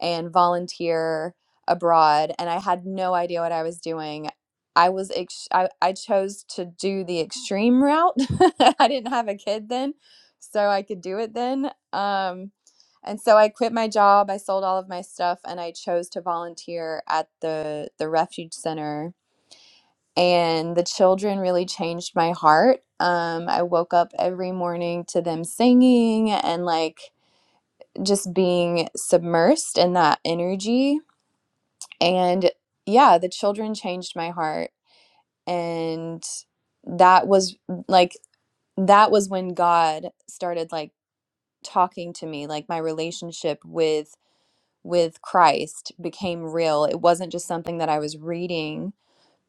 and volunteer abroad and I had no idea what I was doing. I was ex- I, I chose to do the extreme route. I didn't have a kid then, so I could do it then. Um and so I quit my job, I sold all of my stuff and I chose to volunteer at the the refuge center and the children really changed my heart. Um I woke up every morning to them singing and like just being submersed in that energy and yeah, the children changed my heart. And that was like, that was when God started like talking to me, like my relationship with with Christ became real. It wasn't just something that I was reading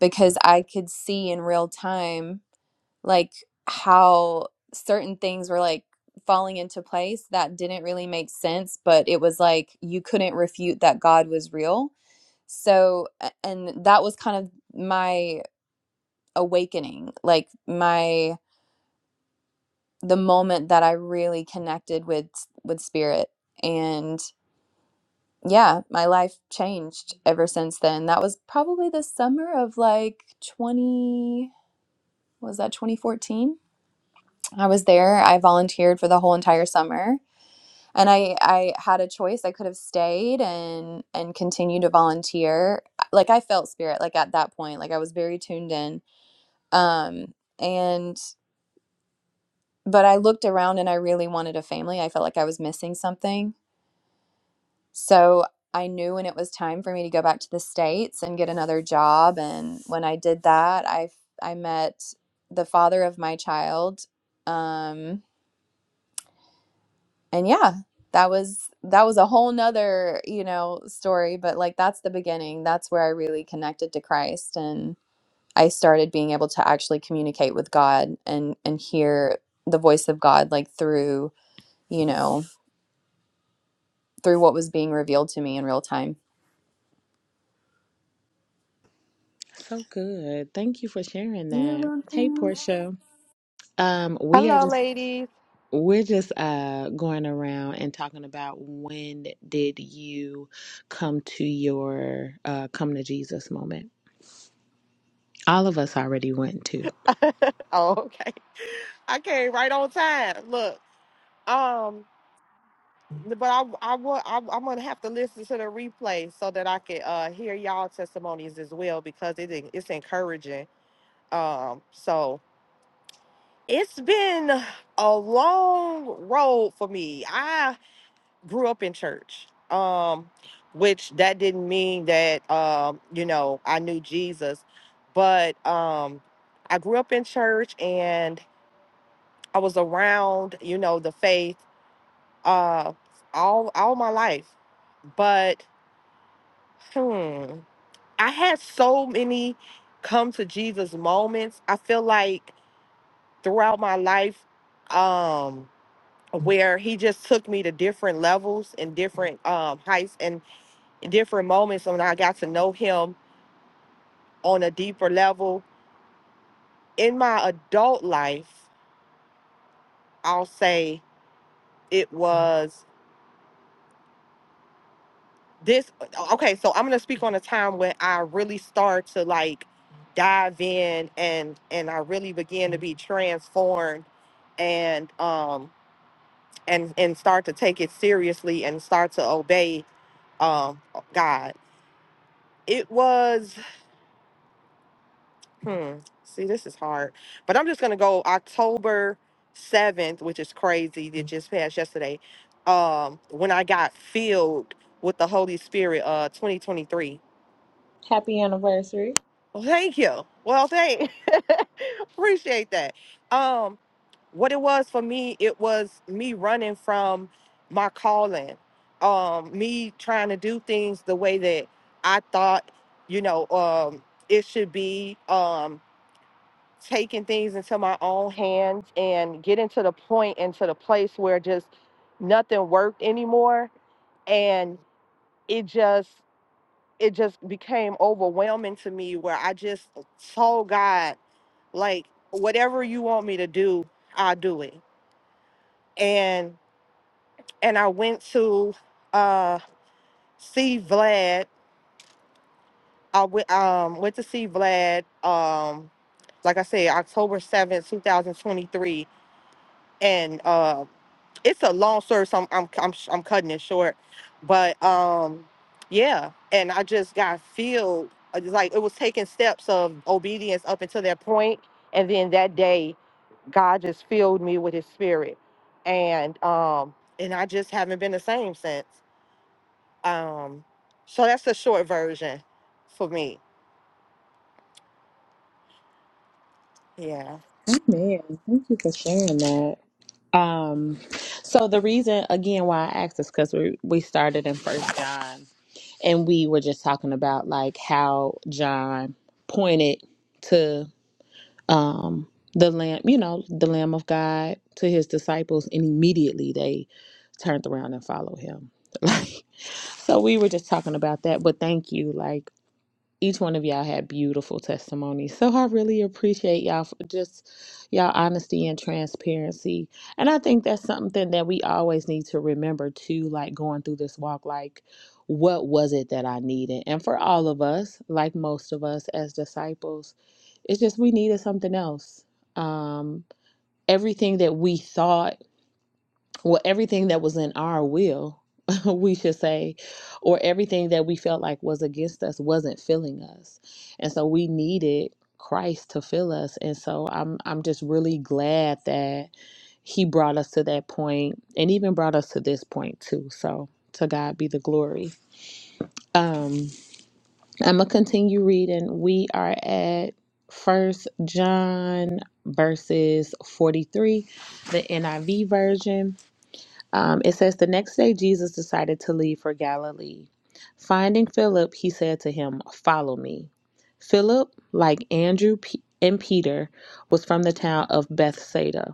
because I could see in real time like how certain things were like falling into place that didn't really make sense, but it was like you couldn't refute that God was real so and that was kind of my awakening like my the moment that i really connected with with spirit and yeah my life changed ever since then that was probably the summer of like 20 was that 2014 i was there i volunteered for the whole entire summer and i i had a choice i could have stayed and and continued to volunteer like i felt spirit like at that point like i was very tuned in Um, and but I looked around and I really wanted a family. I felt like I was missing something. So I knew when it was time for me to go back to the States and get another job. And when I did that, I I met the father of my child. Um, and yeah, that was that was a whole nother, you know, story. But like that's the beginning. That's where I really connected to Christ and. I started being able to actually communicate with God and and hear the voice of God like through, you know, through what was being revealed to me in real time.
So good. Thank you for sharing
You're
that. Hey
welcome.
Portia. Um we are
Hello,
just
ladies.
we're just uh going around and talking about when did you come to your uh come to Jesus moment. All of us already went to.
oh, okay. I came right on time. Look, um, but I, I, wa- I, I'm gonna have to listen to the replay so that I can uh, hear y'all testimonies as well because it en- it's encouraging. Um, so it's been a long road for me. I grew up in church. Um, which that didn't mean that um, you know, I knew Jesus, but um, I grew up in church and I was around, you know, the faith uh all all my life. But hmm, I had so many come to Jesus moments. I feel like throughout my life um where he just took me to different levels and different um heights and different moments when I got to know him on a deeper level. In my adult life, I'll say it was this okay so i'm gonna speak on a time when i really start to like dive in and and i really begin to be transformed and um and and start to take it seriously and start to obey um god it was hmm see this is hard but i'm just gonna go october 7th which is crazy it just passed yesterday um when i got filled with the holy spirit uh 2023
Happy anniversary.
Well, thank you. Well, thank appreciate that. Um, what it was for me, it was me running from my calling, um, me trying to do things the way that I thought, you know, um, it should be, um, taking things into my own hands and getting to the point and to the place where just nothing worked anymore, and it just it just became overwhelming to me where I just told God like whatever you want me to do i'll do it and and i went to uh see vlad i went um went to see vlad um like i said october 7th 2023 and uh it's a long story so i'm i'm, I'm, sh- I'm cutting it short but um yeah and i just got filled uh, like it was taking steps of obedience up until that point and then that day God just filled me with his spirit. And um and I just haven't been the same since. Um so that's the short version for me. Yeah.
Amen. Thank you for sharing that. Um, so the reason again why I asked is because we we started in First John, and we were just talking about like how John pointed to. um, the lamb, you know, the Lamb of God to his disciples, and immediately they turned around and followed him. Like, so we were just talking about that. But thank you, like each one of y'all had beautiful testimonies. So I really appreciate y'all for just y'all honesty and transparency. And I think that's something that we always need to remember too, like going through this walk, like what was it that I needed? And for all of us, like most of us as disciples, it's just we needed something else. Um, everything that we thought well everything that was in our will we should say or everything that we felt like was against us wasn't filling us and so we needed Christ to fill us and so I'm I'm just really glad that he brought us to that point and even brought us to this point too so to God be the glory um I'm gonna continue reading we are at first John verses 43 the NIV version um, it says, The next day Jesus decided to leave for Galilee. Finding Philip, he said to him, Follow me. Philip, like Andrew and Peter, was from the town of Bethsaida.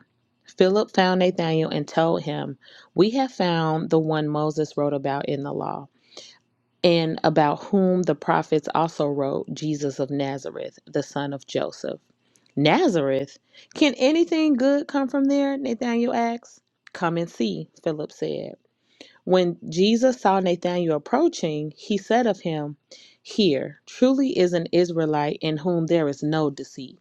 Philip found Nathanael and told him, We have found the one Moses wrote about in the law, and about whom the prophets also wrote, Jesus of Nazareth, the son of Joseph. Nazareth? Can anything good come from there? Nathanael asked. Come and see, Philip said. When Jesus saw Nathanael approaching, he said of him, Here truly is an Israelite in whom there is no deceit.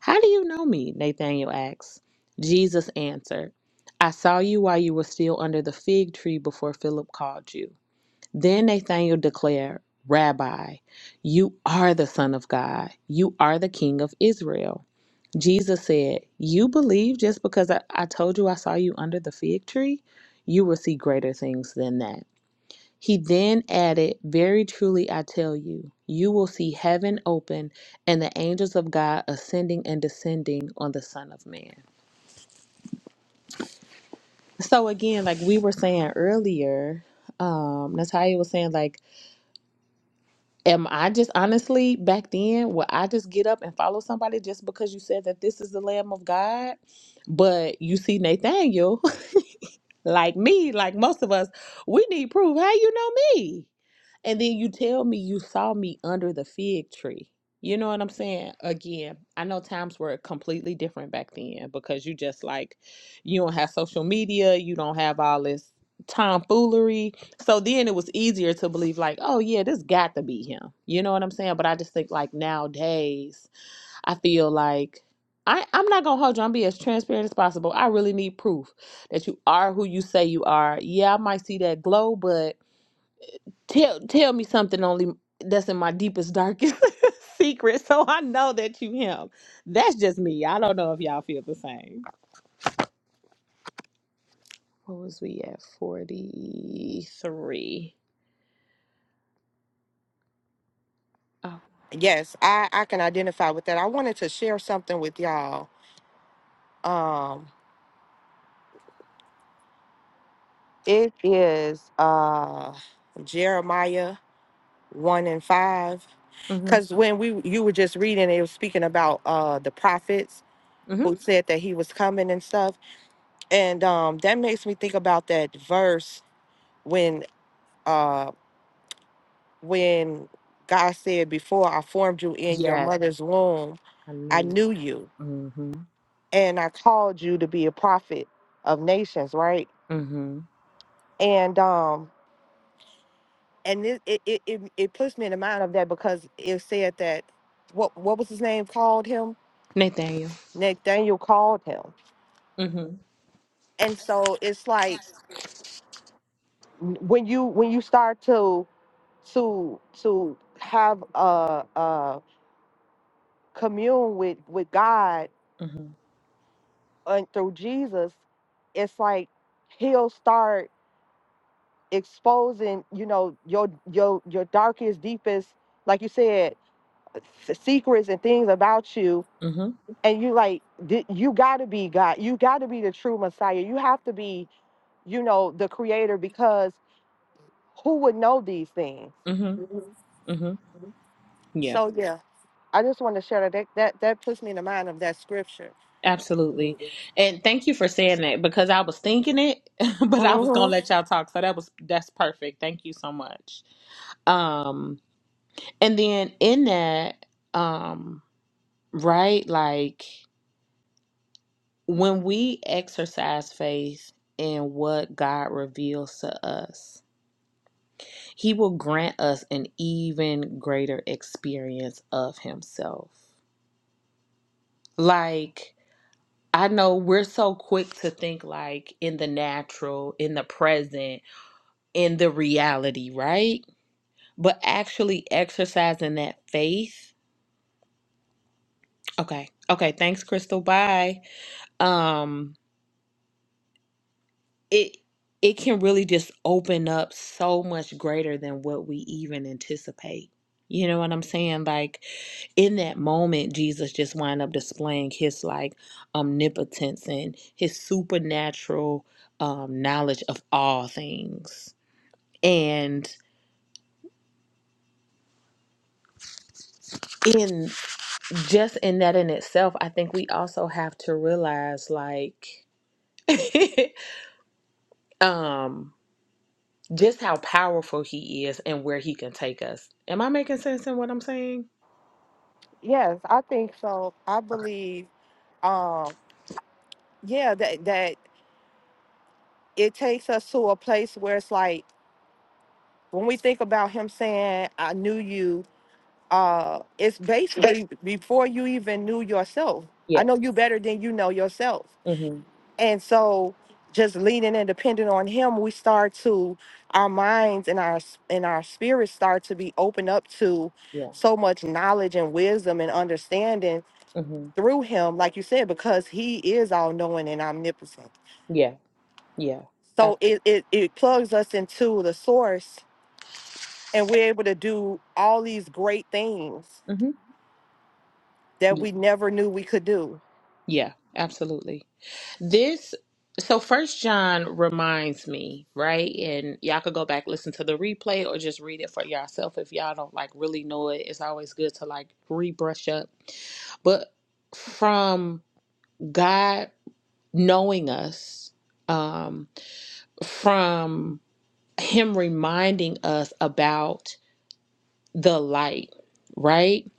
How do you know me? Nathanael asked. Jesus answered, I saw you while you were still under the fig tree before Philip called you. Then Nathanael declared, Rabbi, you are the Son of God. You are the King of Israel. Jesus said, You believe just because I, I told you I saw you under the fig tree? You will see greater things than that. He then added, Very truly I tell you, you will see heaven open and the angels of God ascending and descending on the Son of Man. So, again, like we were saying earlier, um, Natalia was saying, like, am I just honestly back then, will I just get up and follow somebody just because you said that this is the Lamb of God? But you see, Nathaniel, like me, like most of us, we need proof. How you know me? And then you tell me you saw me under the fig tree. You know what I'm saying? Again, I know times were completely different back then because you just like, you don't have social media, you don't have all this tomfoolery. So then it was easier to believe, like, oh yeah, this got to be him. You know what I'm saying? But I just think like nowadays, I feel like I, I'm not gonna hold you. I'm be as transparent as possible. I really need proof that you are who you say you are. Yeah, I might see that glow, but tell tell me something only that's in my deepest darkest secret so i know that you him that's just me i don't know if y'all feel the same what was we at 43 oh
Yes, I I can identify with that. I wanted to share something with y'all. Um it is uh Jeremiah 1 and 5
mm-hmm
cuz when we you were just reading it was speaking about uh the prophets
mm-hmm
who said that he was coming and stuff and um that makes me think about that verse when. uh, when God said, Before I formed you in your
Yes.
mother's womb,
i
I
knew you
knew you
mm-hmm
and I called you to be a prophet of nations, right?
mm-hmm
And um and it it, it, it it puts me in the mind of that because it said that what what was his name called him?
nathaniel
Nathaniel called him.
mm-hmm
And so it's like when you when you start to to to have a uh, uh commune with with God
mm-hmm
and through Jesus, it's like he'll start exposing, you know, your your your darkest, deepest, like you said, s- secrets and things about you.
mm-hmm
And you like, "Th- you got to be God. You got to be the true Messiah. You have to be, you know, the Creator because who would know these things?
mm-hmm mm-hmm yeah
So yeah, I just want to share that. That that, that puts me in the mind of that scripture.
absolutely and thank you for saying that because i was thinking it but i was
hmm
gonna let y'all talk so that was that's perfect thank you so much um And then in that, um, right, like when we exercise faith in what God reveals to us, He will grant us an even greater experience of Himself. Like, I know we're so quick to think like in the natural, in the present, in the reality, right? But actually exercising that faith. Okay. Okay. Thanks, Crystal. Bye. Um, it it can really just open up so much greater than what we even anticipate. You know what I'm saying? Like in that moment, Jesus just wind up displaying his like omnipotence and his supernatural um, knowledge of all things. And in just in that in itself, I think we also have to realize like um just how powerful he is and where he can take us. Am I making sense in what I'm saying?
Yes, I think so. I
Okay.
believe. Um, yeah, that that it takes us to a place where it's like when we think about him saying i knew you uh it's
Ba-
basically before you even knew yourself i
Yeah.
know you better than you know yourself
Mhm.
and so just leaning and depending on him we start to our minds and our s- and our spirits start to be opened up to
Yeah.
so much knowledge and wisdom and understanding
Mhm.
through him like you said because he is all knowing and omnipotent
Yeah. Yeah.
so
Absolutely.
it, it it plugs us into the source and we're able to do all these great things
Mhm.
that
Yeah.
we never knew we could do.
Yeah. Absolutely. This so first John reminds me, right? And y'all could go back listen to the replay or just read it for yourself if y'all don't like really know it. It's always good to like rebrush up. But from God knowing us um from him reminding us about the light, right?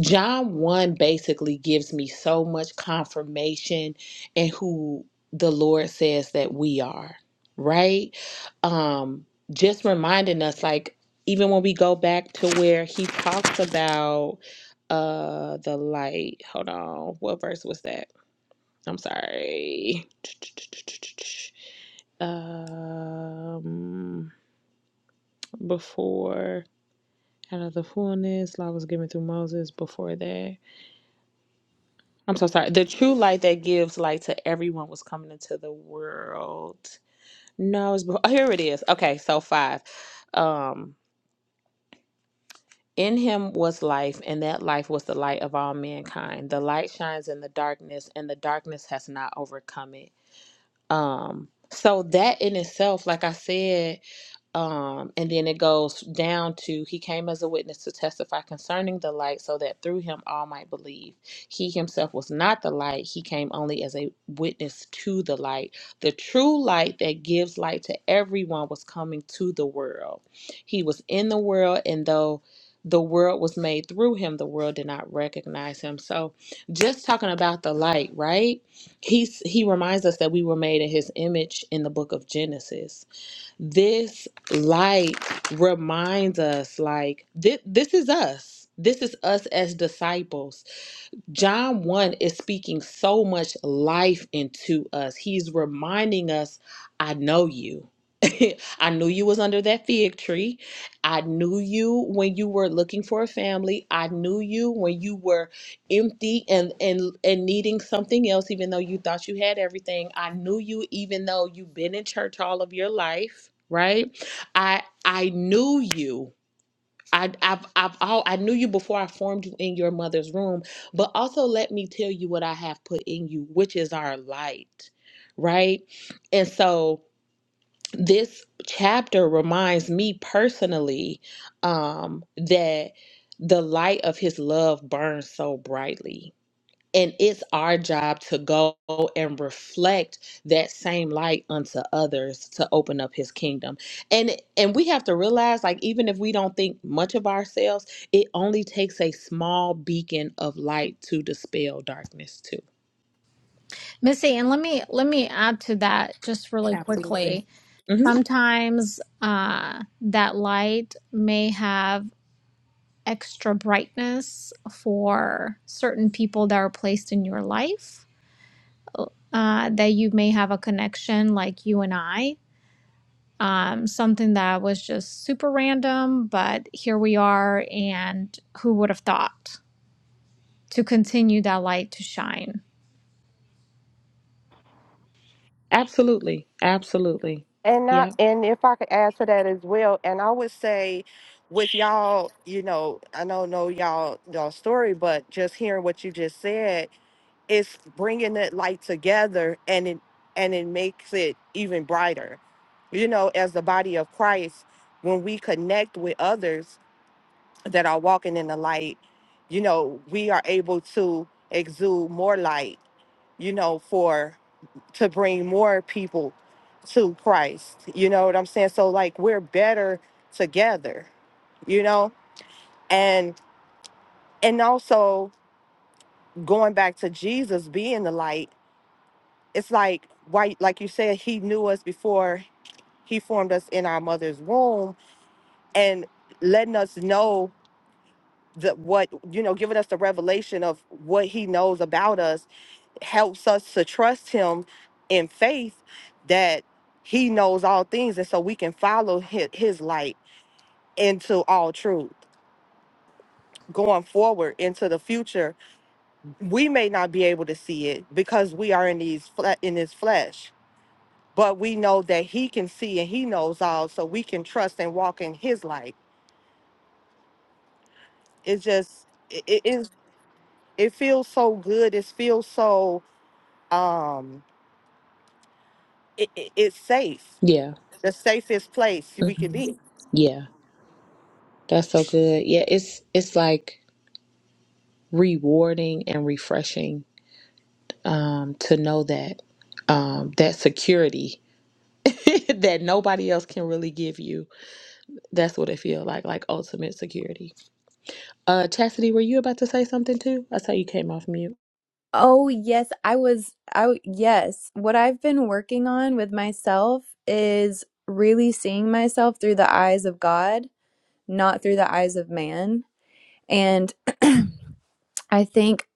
John 1 basically gives me so much confirmation and who the Lord says that we are, right? Um just reminding us like even when we go back to where he talks about uh the light. Hold on. What verse was that? I'm sorry. Um before out of the fullness law was given through moses before that i'm so sorry the true light that gives light to everyone was coming into the world no it's before, here it is okay so five um in him was life and that life was the light of all mankind the light shines in the darkness and the darkness has not overcome it um so that in itself like i said um, and then it goes down to he came as a witness to testify concerning the light so that through him all might believe he himself was not the light he came only as a witness to the light the true light that gives light to everyone was coming to the world he was in the world and though the world was made through him the world did not recognize him so just talking about the light right he's he reminds us that we were made in his image in the book of genesis this light reminds us like thi- this is us this is us as disciples John 1 is speaking so much life into us. He's reminding us, I know you. I knew you was under that fig tree. I knew you when you were looking for a family. I knew you when you were empty and and and needing something else even though you thought you had everything. I knew you even though you've been in church all of your life, right? I I knew you I, I've, I've, all, I knew you before I formed you in your mother's room, but also let me tell you what I have put in you, which is our light, right? And so this chapter reminds me personally um, that the light of his love burns so brightly and it's our job to go and reflect that same light unto others to open up his kingdom. And and we have to realize like even if we don't think much of ourselves, it only takes a small beacon of light to dispel darkness too.
Missy, and let me let me add to that just really
Absolutely.
quickly.
hmm
Sometimes uh, that light may have extra brightness for certain people that are placed in your life uh, that you may have a connection, like you and I. um, something that was just super random, but here we are, and who would have thought to continue that light to shine?
Absolutely. Absolutely.
And not
Yep.
and if I could add to that as well, and I would say with y'all, you know, I don't know y'all y'all story, but just hearing what you just said, it's bringing it like together and it and it makes it even brighter you know as the body of christ when we connect with others that are walking in the light you know we are able to exude more light you know, for to bring more people to Christ. You know what I'm saying? So like we're better together, you know? And and also going back to Jesus being the light, it's like why like you said, he knew us before he formed us in our mother's womb and letting us know that what you know, giving us the revelation of what he knows about us helps us to trust him in faith that he knows all things and so we can follow his, his light into all truth going forward into the future we may not be able to see it because we are in these fle- in his flesh but we know that he can see and he knows all so we can trust and walk in his light it's just it, it is it feels so good it feels so um it, it- it's safe
Yeah.
the safest place we can
hmm
be
Yeah. That's so good. Yeah, it's it's like rewarding and refreshing um, to know that um, that security that nobody else can really give you. That's what it feels like, like ultimate security. Uh, Chastity, were you about to say something too? I saw you came off mute.
Oh, yes, I was I w- yes, what I've been working on with myself is really seeing myself through the eyes of God, not through the eyes of man. And I think,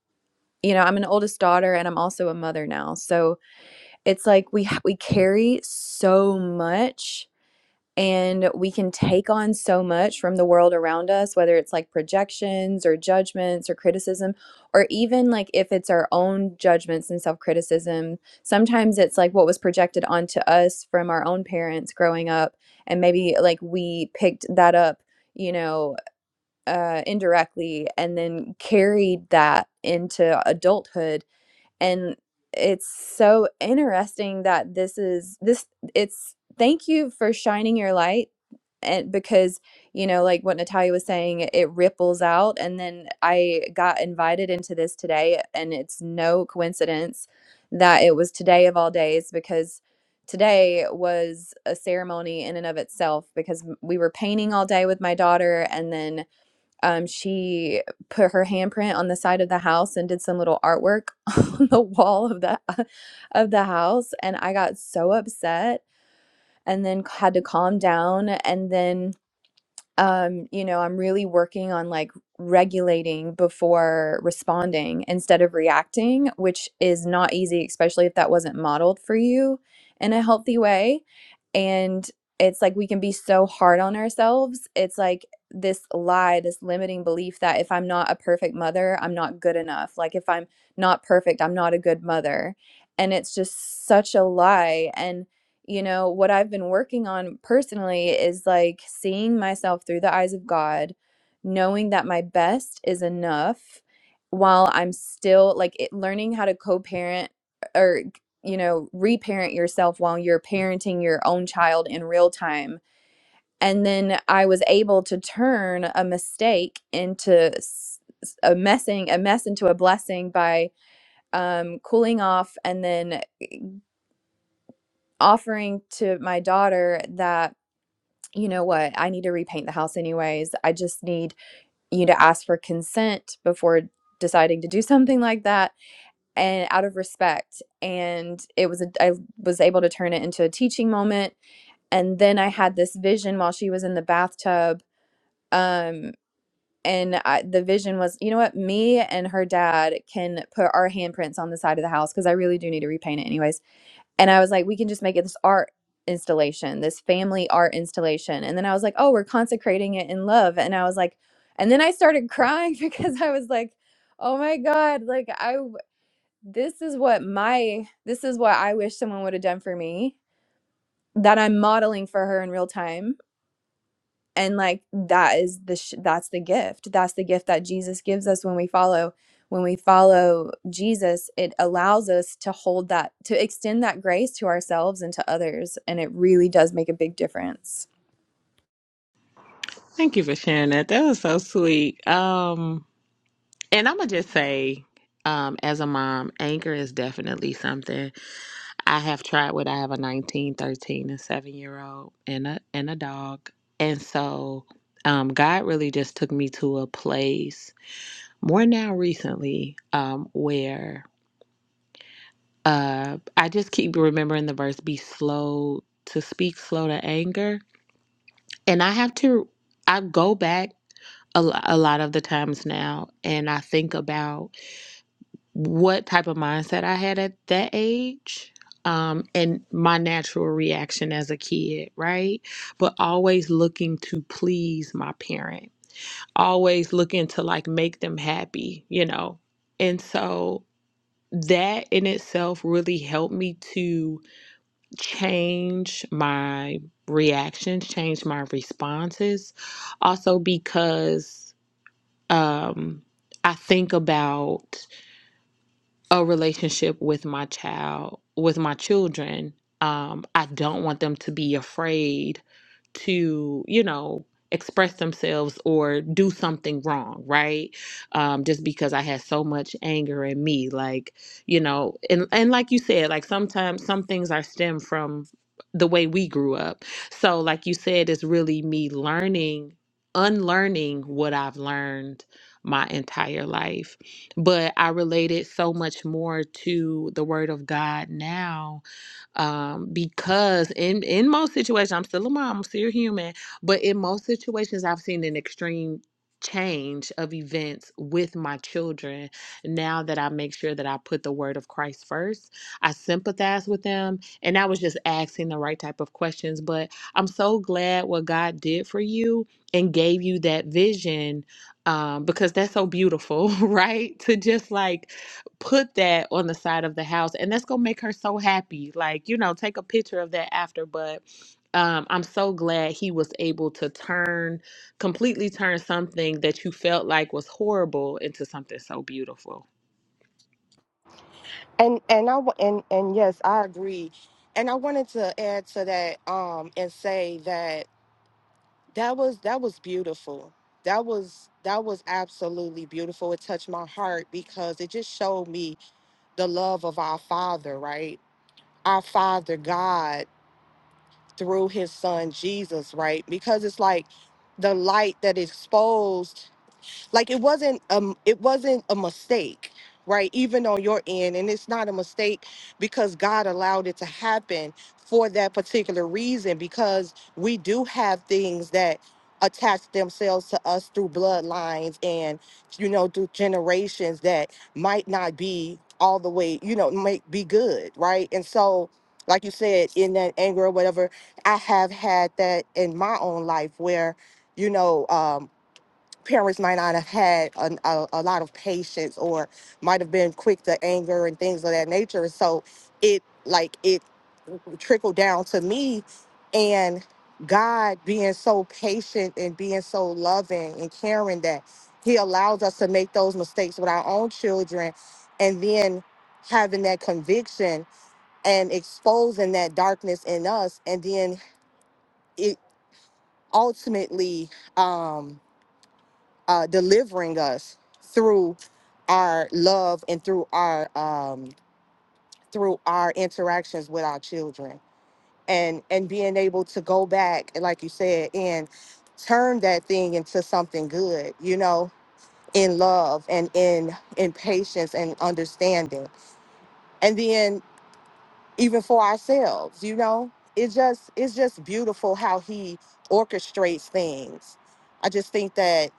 you know, I'm an oldest daughter and I'm also a mother now. So, it's like we ha- we carry so much and we can take on so much from the world around us whether it's like projections or judgments or criticism or even like if it's our own judgments and self-criticism sometimes it's like what was projected onto us from our own parents growing up and maybe like we picked that up you know uh indirectly and then carried that into adulthood and it's so interesting that this is this it's thank you for shining your light and because you know like what natalia was saying it ripples out and then i got invited into this today and it's no coincidence that it was today of all days because today was a ceremony in and of itself because m- we were painting all day with my daughter and then um, she put her handprint on the side of the house and did some little artwork on the wall of the of the house, and I got so upset and then had to calm down and then um, you know, I'm really working on like regulating before responding instead of reacting, which is not easy, especially if that wasn't modeled for you in a healthy way. And it's like we can be so hard on ourselves. It's like this lie, this limiting belief that if I'm not a perfect mother, I'm not good enough. Like if I'm not perfect, I'm not a good mother. And it's just such a lie. And you know, what I've been working on personally is like seeing myself through the eyes of God, knowing that my best is enough while I'm still like it, learning how to co parent or, you know, reparent yourself while you're parenting your own child in real time. And then I was able to turn a mistake into s- s- a messing, a mess into a blessing by um, cooling off and then offering to my daughter that you know what? I need to repaint the house anyways. I just need you to ask for consent before deciding to do something like that and out of respect. And it was a, I was able to turn it into a teaching moment. And then I had this vision while she was in the bathtub. Um, and I, the vision was, you know what? Me and her dad can put our handprints on the side of the house because I really do need to repaint it anyways and I was like, we can just make it this art installation, this family art installation. And then I was like, oh, we're consecrating it in love. And I was like, and then I started crying because I was like, oh my God, like I, w- this is what my, this is what I wish someone would have done for me that I'm modeling for her in real time and like that is the sh- that's the gift that's the gift that jesus gives us when we follow when we follow jesus it allows us to hold that to extend that grace to ourselves and to others and it really does make a big difference
Thank you for sharing that. That was so sweet. Um, and I'm gonna just say, um, as a mom, anger is definitely something I have tried with. I have a 19, 13, and seven year old, and a and a dog, and so um, God really just took me to a place. more now recently um where uh i just keep remembering the verse be slow to speak slow to anger and i have to i go back a, lo- a lot of the times now and i think about what type of mindset i had at that age um, and my natural reaction as a kid right but always looking to please my parent always looking to like make them happy you know and so that in itself really helped me to change my reactions, change my responses. Also, because um, I think about a relationship with my child, with my children. Um, I don't want them to be afraid to, you know, express themselves or do something wrong, right? Um, just because I had so much anger in me, like, you know, and and like you said, like sometimes some things are stem from the way we grew up. So, like you said, it's really me learning, unlearning what I've learned my entire life but I relate it so much more to the Word of God now um, because in in most situations, I'm still a mom, I'm still human, but in most situations, I've seen an extreme change of events with my children now that I make sure that I put the word of Christ first. I sympathize with them and I was just asking the right type of questions, but I'm so glad what God did for you and gave you that vision um, because that's so beautiful, right? To just like put that on the side of the house, and that's gonna make her so happy. Like, you know, take a picture of that after, but. Um, I'm so glad he was able to turn completely turn something that you felt like was horrible into something so beautiful.
And and I wa- and and yes, I agree. And I wanted to add to that um and say that that was that was beautiful. That was that was absolutely beautiful. It touched my heart because it just showed me the love of our Father, right? Our Father God through his son Jesus, right? Because it's like the light that exposed like it wasn't um it wasn't a mistake right even on your end and it's not a mistake because god allowed it to happen for that particular reason because we do have things that attach themselves to us through bloodlines and you know through generations that might not be all the way you know might be good right and so like you said in that anger or whatever i have had that in my own life where you know um parents might not have had a, a, a lot of patience or might have been quick to anger and things of that nature. So it like it trickled down to me and God being so patient and being so loving and caring that he allows us to make those mistakes with our own children and then having that conviction and exposing that darkness in us and then it ultimately um uh, delivering us through our love and through our um, through our interactions with our children and and being able to go back and like you said and turn that thing into something good you know in love and in in patience and understanding and then even for ourselves you know it just it's just beautiful how he orchestrates things i just think that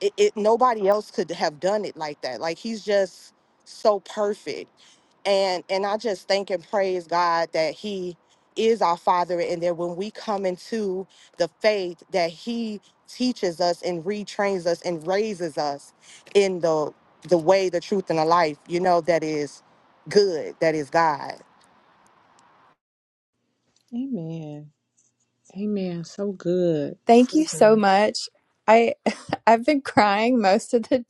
it, it nobody else could have done it like that like he's just so perfect and and i just thank and praise god that he is our father and that when we come into the faith that he teaches us and retrains us and raises us in the the way the truth and the life you know that is good that is god
Amen. Amen. So good.
Thank you
So
so
good.
much. I I've been crying most of the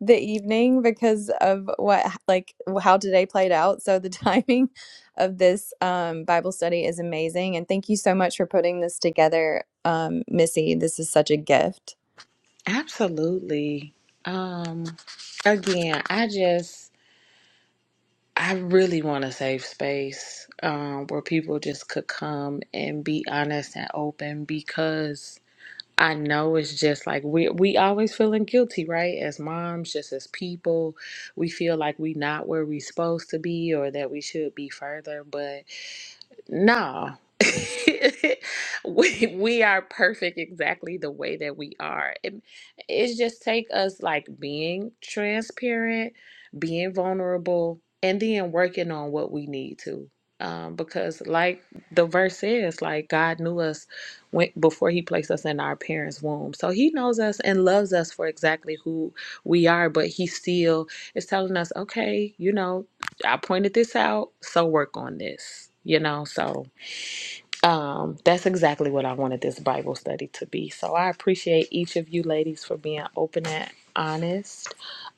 the evening because of what like how today played out. So the timing of this um, Bible study is amazing, and thank you so much for putting this together, um, Missy. This is such a gift.
Absolutely. Um, again, I just I really want a safe space um, where people just could come and be honest and open because I know it's just like we we always feeling guilty, right? As moms, just as people, we feel like we not where we supposed to be or that we should be further. but. No. we we are perfect exactly the way that we are. It, it's just take us like being transparent, being vulnerable, and then working on what we need to. Um, because like the verse says, like God knew us when, before He placed us in our parents' womb, so He knows us and loves us for exactly who we are. But He still is telling us, okay, you know, I pointed this out, so work on this. You know, so um, that's exactly what I wanted this Bible study to be. So I appreciate each of you ladies for being open and honest.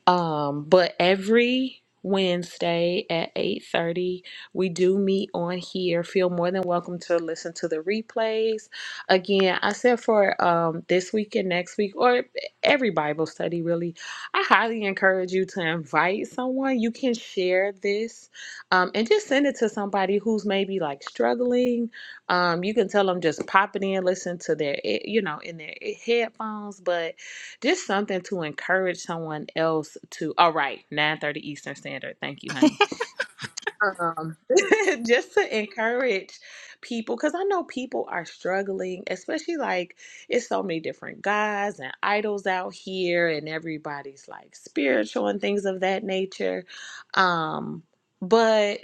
Um, but every Wednesday at 8:30, we do meet on here. Feel more than welcome to listen to the replays. Again, I said for um this week and next week, or every Bible study really, I highly encourage you to invite someone. You can share this um and just send it to somebody who's maybe like struggling. Um, you can tell them just pop it in, listen to their, eh, you know, in their eh, headphones, but just something to encourage someone else to, all right, 9.30 Eastern Standard. Thank you, honey. Um, just to encourage people, because I know people are struggling, especially like it's so many different guys and idols out here, and everybody's like spiritual and things of that nature. Um, but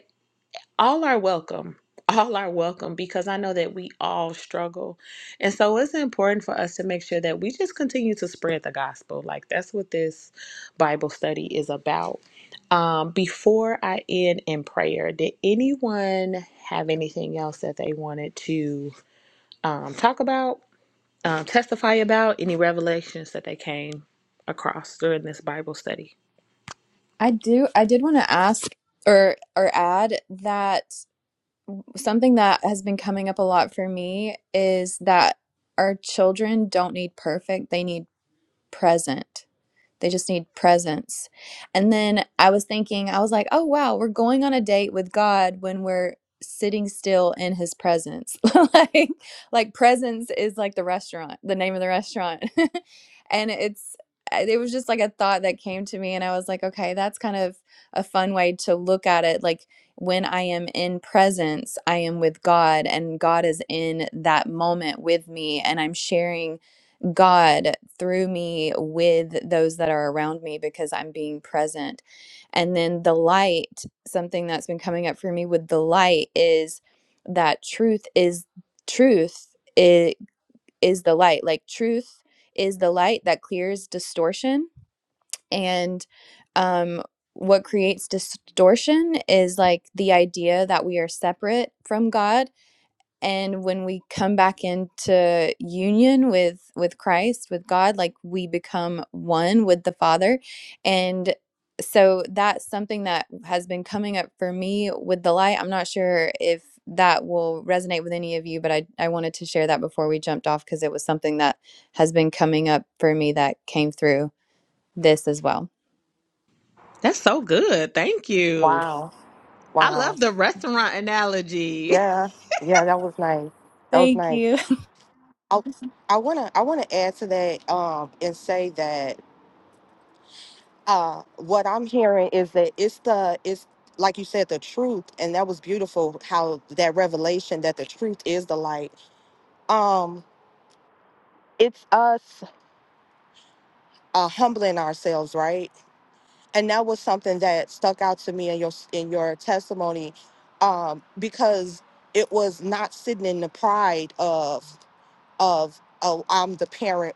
all are welcome all are welcome because i know that we all struggle and so it's important for us to make sure that we just continue to spread the gospel like that's what this bible study is about um, before i end in prayer did anyone have anything else that they wanted to um, talk about um, testify about any revelations that they came across during this bible study
I do. I did want to ask or or add that something that has been coming up a lot for me is that our children don't need perfect; they need present They just need presence. And then I was thinking, I was like, oh, wow, we're going on a date with God when we're sitting still in his presence. like, like presence is like the restaurant, the name of the restaurant. and it's, eh, it was just like a thought that came to me. And I was like, okay, that's kind of a fun way to look at it. Like, when I am in presence, I am with God, and God is in that moment with me, and I'm sharing. God through me with those that are around me because I'm being present. And then the light, something that's been coming up for me with the light is that truth is truth is, is the light. Like truth is the light that clears distortion. And um, what creates distortion is like the idea that we are separate from God and when we come back into union with with Christ with God like we become one with the Father and so that's something that has been coming up for me with the light I'm not sure if that will resonate with any of you but I I wanted to share that before we jumped off cuz it was something that has been coming up for me that came through this as well
That's so good. Thank you.
wow
I
wow
love the restaurant analogy.
yeah yeah that was nice that was
thank
nice
you
I, I wanna I wanna add to that um and say that uh what I'm hearing is that it's the it's like you said the truth and that was beautiful how that revelation that the truth is the light um it's us uh humbling ourselves right and that was something that stuck out to me in your in your testimony um because it was not sitting in the pride of of oh I'm the parent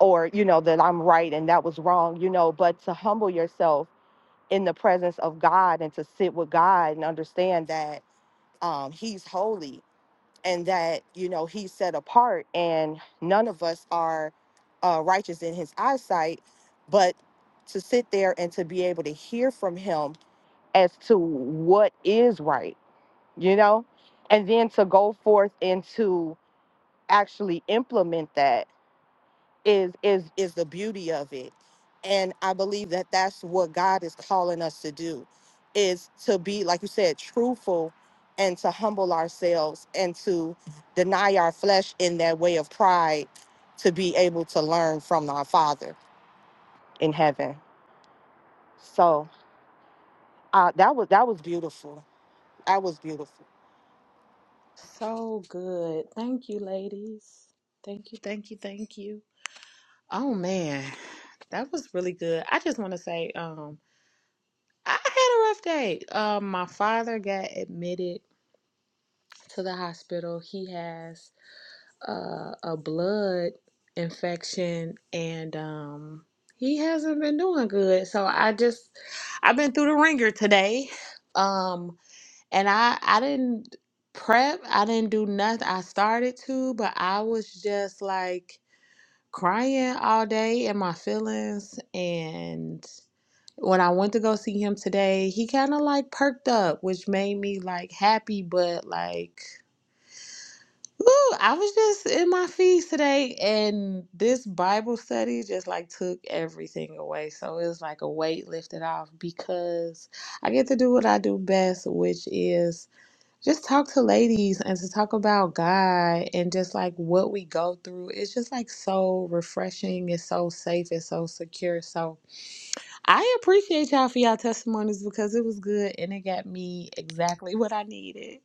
or you know that I'm right and that was wrong, you know, but to humble yourself in the presence of God and to sit with God and understand that um, He's holy and that you know He's set apart and none of us are uh, righteous in His eyesight, but to sit there and to be able to hear from Him as to what is right, you know, and then to go forth and to actually implement that is is is the beauty of it and i believe that that's what god is calling us to do is to be like you said truthful and to humble ourselves and to deny our flesh in that way of pride to be able to learn from our father in heaven so uh that was that was beautiful that was beautiful
So good. Thank you, ladies. Thank you, thank you, thank you. Oh man, that was really good. I just want to say, um, I had a rough day. Um, my father got admitted to the hospital. He has uh, a blood infection, and um, he hasn't been doing good. So I just, I've been through the ringer today. Um, and I I didn't prep, I didn't do nothing. I started to, but I was just like crying all day in my feelings and when I went to go see him today, he kind of like perked up, which made me like happy, but like Ooh, I was just in my feeds today, and this Bible study just like took everything away. So it was like a weight lifted off because I get to do what I do best, which is just talk to ladies and to talk about God and just like what we go through. It's just like so refreshing. It's so safe. It's so secure. So I appreciate y'all for y'all testimonies because it was good and it got me exactly what I needed.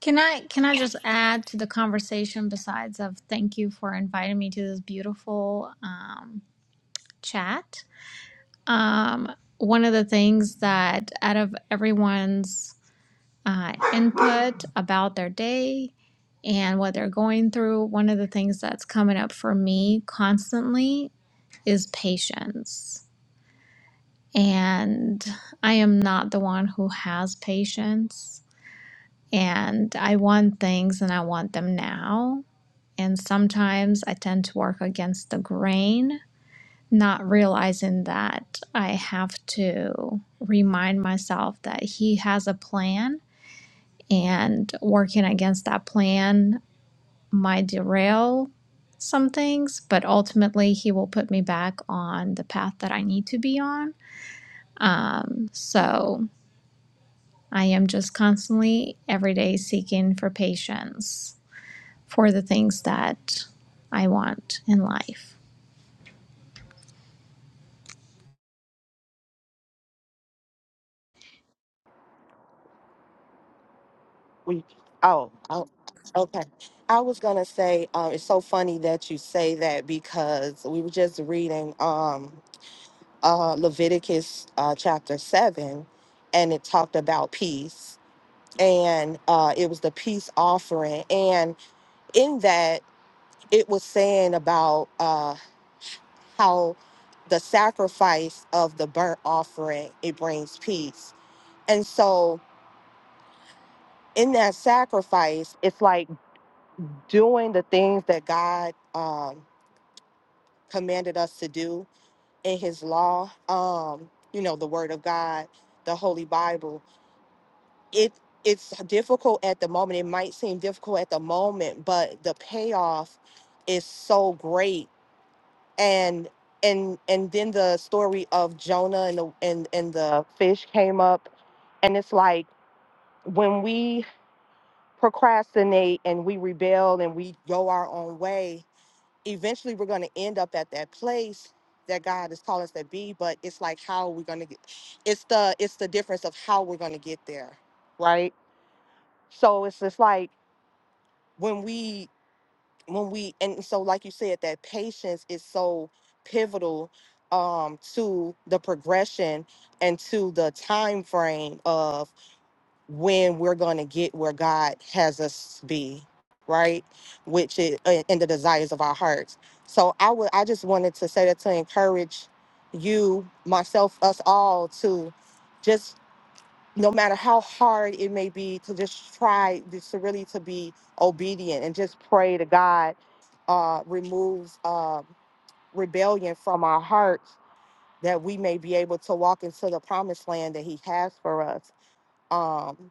Can I can I just add to the conversation besides of thank you for inviting me to this beautiful um, chat? Um, one of the things that out of everyone's uh, input about their day and what they're going through, one of the things that's coming up for me constantly is patience. And I am not the one who has patience. And I want things and I want them now. And sometimes I tend to work against the grain, not realizing that I have to remind myself that He has a plan. And working against that plan might derail some things, but ultimately He will put me back on the path that I need to be on Um, so I am just constantly every day seeking for patience for the things that I want in life.
we oh, oh okay i was gonna say uh, it's so funny that you say that because we were just reading um. uh, Leviticus uh, chapter 7, and it talked about peace. And uh, it was the peace offering. And in that, it was saying about uh, how the sacrifice of the burnt offering it brings peace and so in that sacrifice it's like doing the things that god um, commanded us to do in his law um, you know the word of god the holy bible it it's difficult at the moment. It might seem difficult at the moment, but the payoff is so great. And and and then the story of Jonah and the and, and the fish came up and it's like when we procrastinate and we rebel and we go our own way, eventually we're gonna end up at that place that God has called us to be, but it's like how we're gonna get it's the it's the difference of how we're gonna get there. Right. So it's just like when we when we and so like you said that patience is so pivotal um to the progression and to the time frame of when we're going to get where God has us be right which is uh, in the desires of our hearts so I would I just wanted to say that to encourage you myself us all to just no matter how hard it may be to just try just to really to be obedient and just pray to god uh removes uh rebellion from our hearts that we may be able to walk into the promised land that he has for us um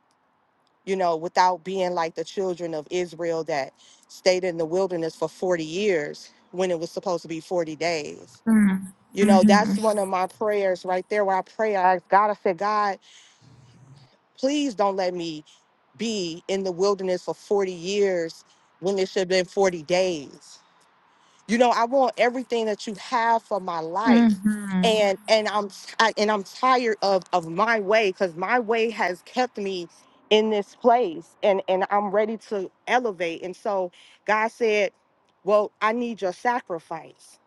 you know without being like the children of israel that stayed in the wilderness for 40 years when it was supposed to be 40 days
Mm,
you know that's
mhm,
one of my prayers right there where i pray i ask god i said god please don't let me be in the wilderness for 40 years when it should have been 40 days. You know, I want everything that you have for my life.
mhm,
And and I'm I, and I'm tired of of my way cuz my way has kept me in this place and and I'm ready to elevate. And so God said, "Well, I need your sacrifice."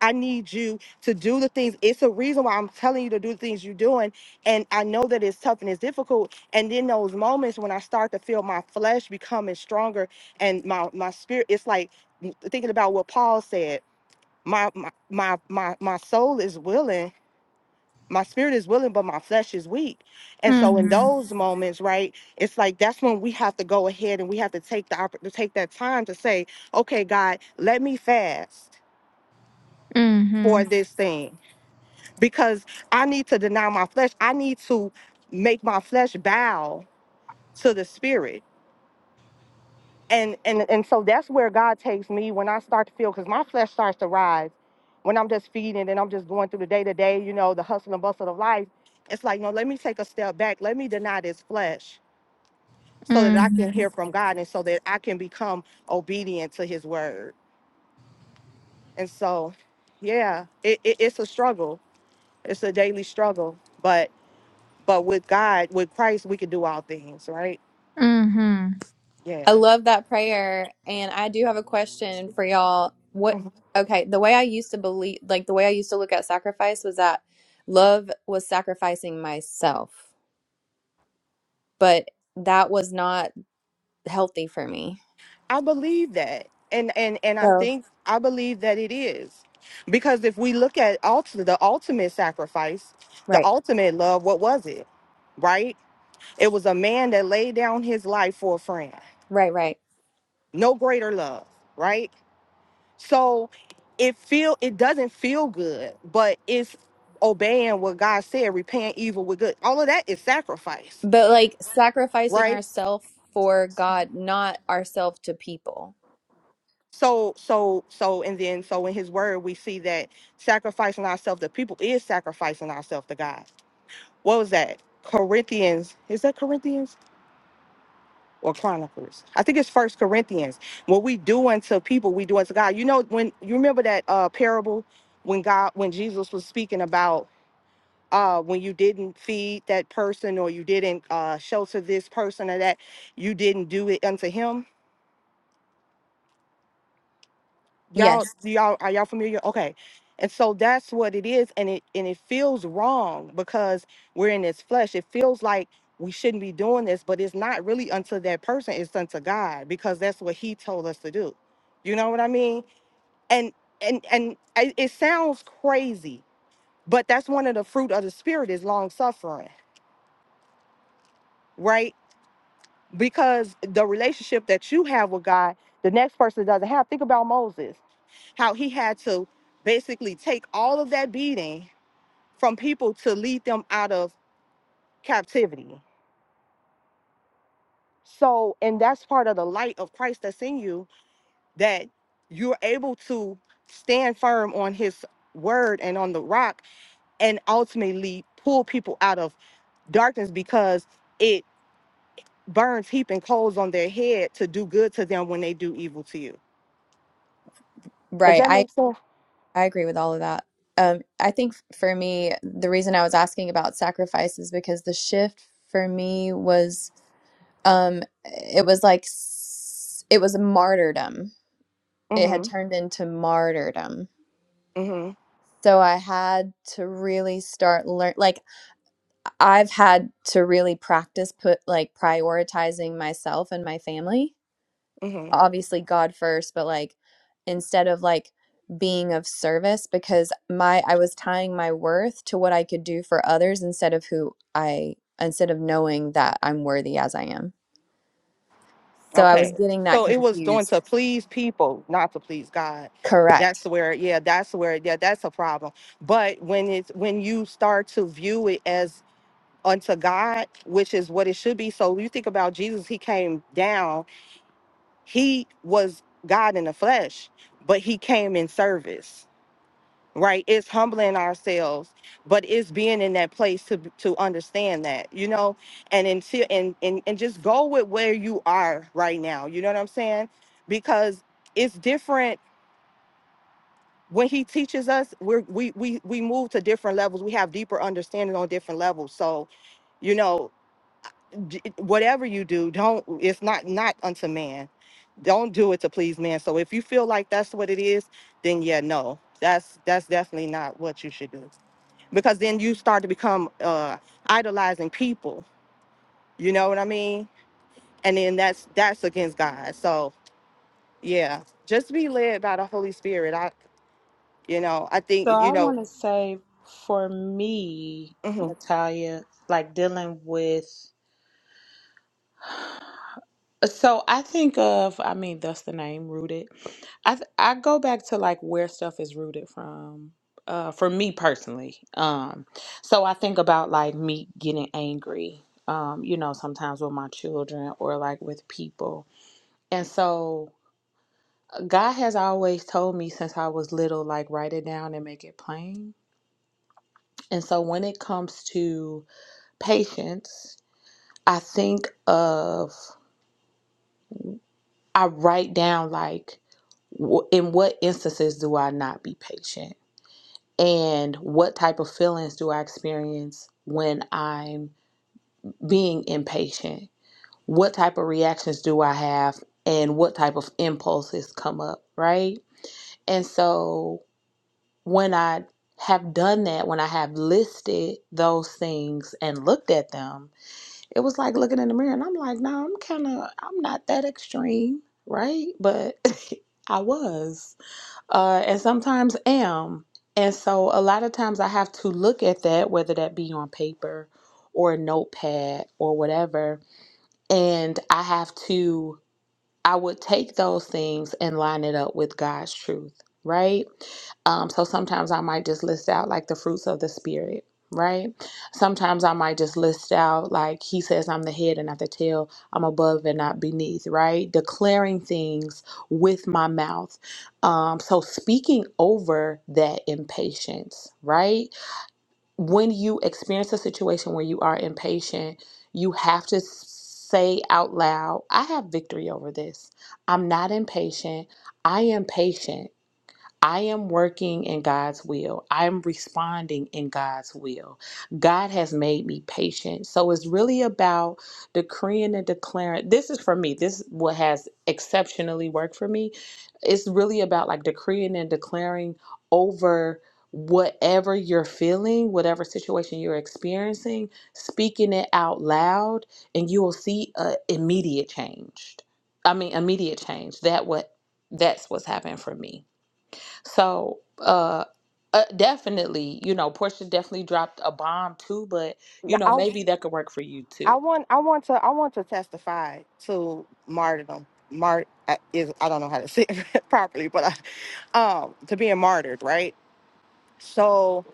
I need you to do the things. It's a reason why I'm telling you to do the things you're doing. And I know that it's tough and it's difficult. And then those moments when I start to feel my flesh becoming stronger and my my spirit, it's like mm, thinking about what Paul said. My my my my, my soul is willing. My spirit is willing, but my flesh is weak. And so in
mhm,
those moments, right, it's like that's when we have to go ahead and we have to take the oppor- to take that time to say, okay, God, let me fast for
mhm,
this thing because I need to deny my flesh. I need to make my flesh bow to the spirit. And and and so that's where God takes me when I start to feel because my flesh starts to rise when I'm just feeding and I'm just going through the day to day, you know, the hustle and bustle of life. It's like, no, let me take a step back. Let me deny this flesh so that I can hear
mhm,
from God and so that I can become obedient to his word. And so, yeah, it, it, it's a struggle. It's a daily struggle. but. But with God, with Christ, we can do all things, right?
mhm.
Yeah.
I love that prayer. And I do have a question for y'all. What,
Mhm.
okay, the way I used to believe, like the way I used to look at sacrifice was that love was sacrificing myself, but that was not healthy for me.
I believe that. And and and I
So,
think I believe that it is. Because if we look at ultimate, the ultimate sacrifice, the
right,
ultimate love, what was it? Right? It was a man that laid down his life for a friend.
right, right.
No greater love, right? So it feel it doesn't feel good, but it's obeying what God said, repaying evil with good. All of that is sacrifice,
But like sacrificing
right?
ourselves for God, not ourselves to people.
So, so, so, and then, so in his word, we see that sacrificing ourselves to people is sacrificing ourselves to God. What was that? Corinthians. Is that Corinthians or Chronicles? I think it's First Corinthians. What we do unto people, we do unto God. You know, when you remember that uh, parable when God, when Jesus was speaking about uh, when you didn't feed that person or you didn't uh, shelter this person or that, you didn't do it unto him
Yes,
Y'all, do y'all are y'all familiar? Okay. And so that's what it is, and it and it feels wrong because we're in this flesh. It feels like we shouldn't be doing this, but it's not really unto that person, it's unto God, because that's what He told us to do. You know what I mean? And and and it it sounds crazy, but that's one of the fruit of the spirit is long suffering, right? Because the relationship that you have with God, the next person doesn't have. Think about Moses how he had to basically take all of that beating from people to lead them out of captivity. So, and that's part of the light of Christ that's in you that you're able to stand firm on his word and on the rock and ultimately pull people out of darkness because it burns heaping coals on their head to do good to them when they do evil to you. Does
right.
that
I,
make sense?
I agree with all of that. Um, I think f- for me, the reason I was asking about sacrifice is because the shift for me was um it was like s- it was martyrdom it had
Mm-hmm.
turned into martyrdom
Mm-hmm.
so i had to really start learn like i've had to really practice put like prioritizing myself and my family
Mm-hmm.
obviously god first but like instead of like being of service because my i was tying my worth to what i could do for others instead of who i instead of knowing that i'm worthy as i am so i was
Okay,
getting that
so it was doing to
confused
please people, not to please God.
correct
That's where, yeah, that's where, yeah, that's a problem. But when it's when you start to view it as unto God, which is what it should be. So you think about Jesus, he came down, he was God in the flesh, but he came in service right it's humbling ourselves but it's being in that place to to understand that you know and until and, and and just go with where you are right now you know what i'm saying because it's different when he teaches us we're we we, we move to different levels we have deeper understanding on different levels so you know d- whatever you do don't it's not not unto man don't do it to please man so if you feel like that's what it is then yeah no that's that's definitely not what you should do because then you start to become uh idolizing people you know what i mean and then that's that's against god so yeah just be led by the holy spirit i you know i
So
think
I
you know
want to say for me,
mhm.
Natalia, like dealing with, So I think of, I mean, that's the name, Rooted. I th- I go back to like where stuff is rooted from. Uh, for me personally, um, so I think about like me getting angry. Um, you know, sometimes with my children or like with people, and so uh, God has always told me since I was little, like write it down and make it plain. And so when it comes to patience, I think of I write down like w- in what instances do I not be patient and what type of feelings do I experience when I'm being impatient? What type of reactions do I have and what type of impulses come up, right? And so when I have done that, when I have listed those things and looked at them, it was like looking in the mirror and I'm like, no, I'm kind of, I'm not that extreme, right? But I was uh, and sometimes am. And so a lot of times I have to look at that, whether that be on paper or a notepad or whatever, and I have to I would take those things and line it up with God's truth, right? Um, so sometimes I might just list out like the fruits of the spirit, right? Sometimes I might just list out like he says, I'm the head and not the tail, I'm above and not beneath, right? Declaring things with my mouth. Um, so speaking over that impatience, right? when you experience a situation where you are impatient, you have to s- say out loud, I have victory over this. I'm not impatient. I am patient. I am working in God's will. I'm responding in God's will. God has made me patient. So it's really about decreeing and declaring. This is for me. This is what has exceptionally worked for me. It's really about like decreeing and declaring over whatever you're feeling, whatever situation you're experiencing, speaking it out loud, and you will see a immediate change. I mean, immediate change. That what that's what's happened for me. So, uh, uh, definitely, you know, Portia definitely dropped a bomb too, but you know,
i
maybe that could work for you
i
too.
want i want to i want to testify to martyrdom mart I- is i don't know how to say it properly but I, um to being martyred right so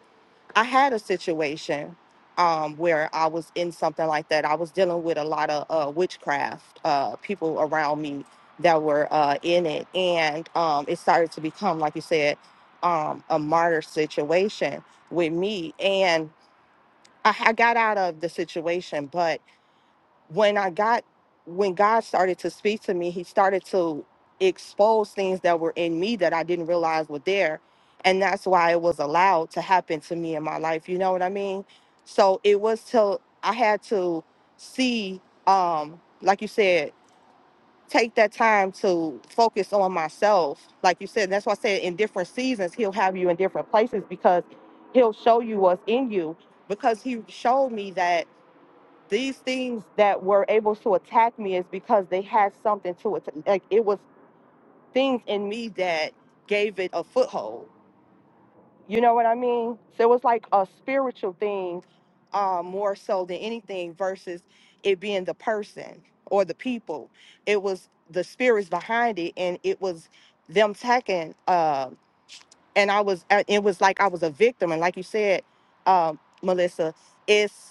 I had a situation um, where I was in something like that. I was dealing with a lot of uh, witchcraft uh, people around me that were uh, in it, and um, it started to become, like you said, um, a martyr situation with me. And I, I got out of the situation, when I got when God started to speak to me, he started to expose things that were in me that I didn't realize were there. And that's why it was allowed to happen to me in my life. You know what I mean? So it was till I had to see, um, like you said, take that time to focus on myself. Like you said, that's why I said in different seasons, he'll have you in different places because he'll show you what's in you. Because he showed me that these things that were able to attack me is because they had something to it. Like it was things in me that gave it a foothold. You know what I mean? So it was like a spiritual thing, um, more so than anything, versus it being the person or the people. It was the spirits behind it, and it was them attacking. Uh, and I was, uh, it was like I was a victim. And like you said, um, Melissa, it's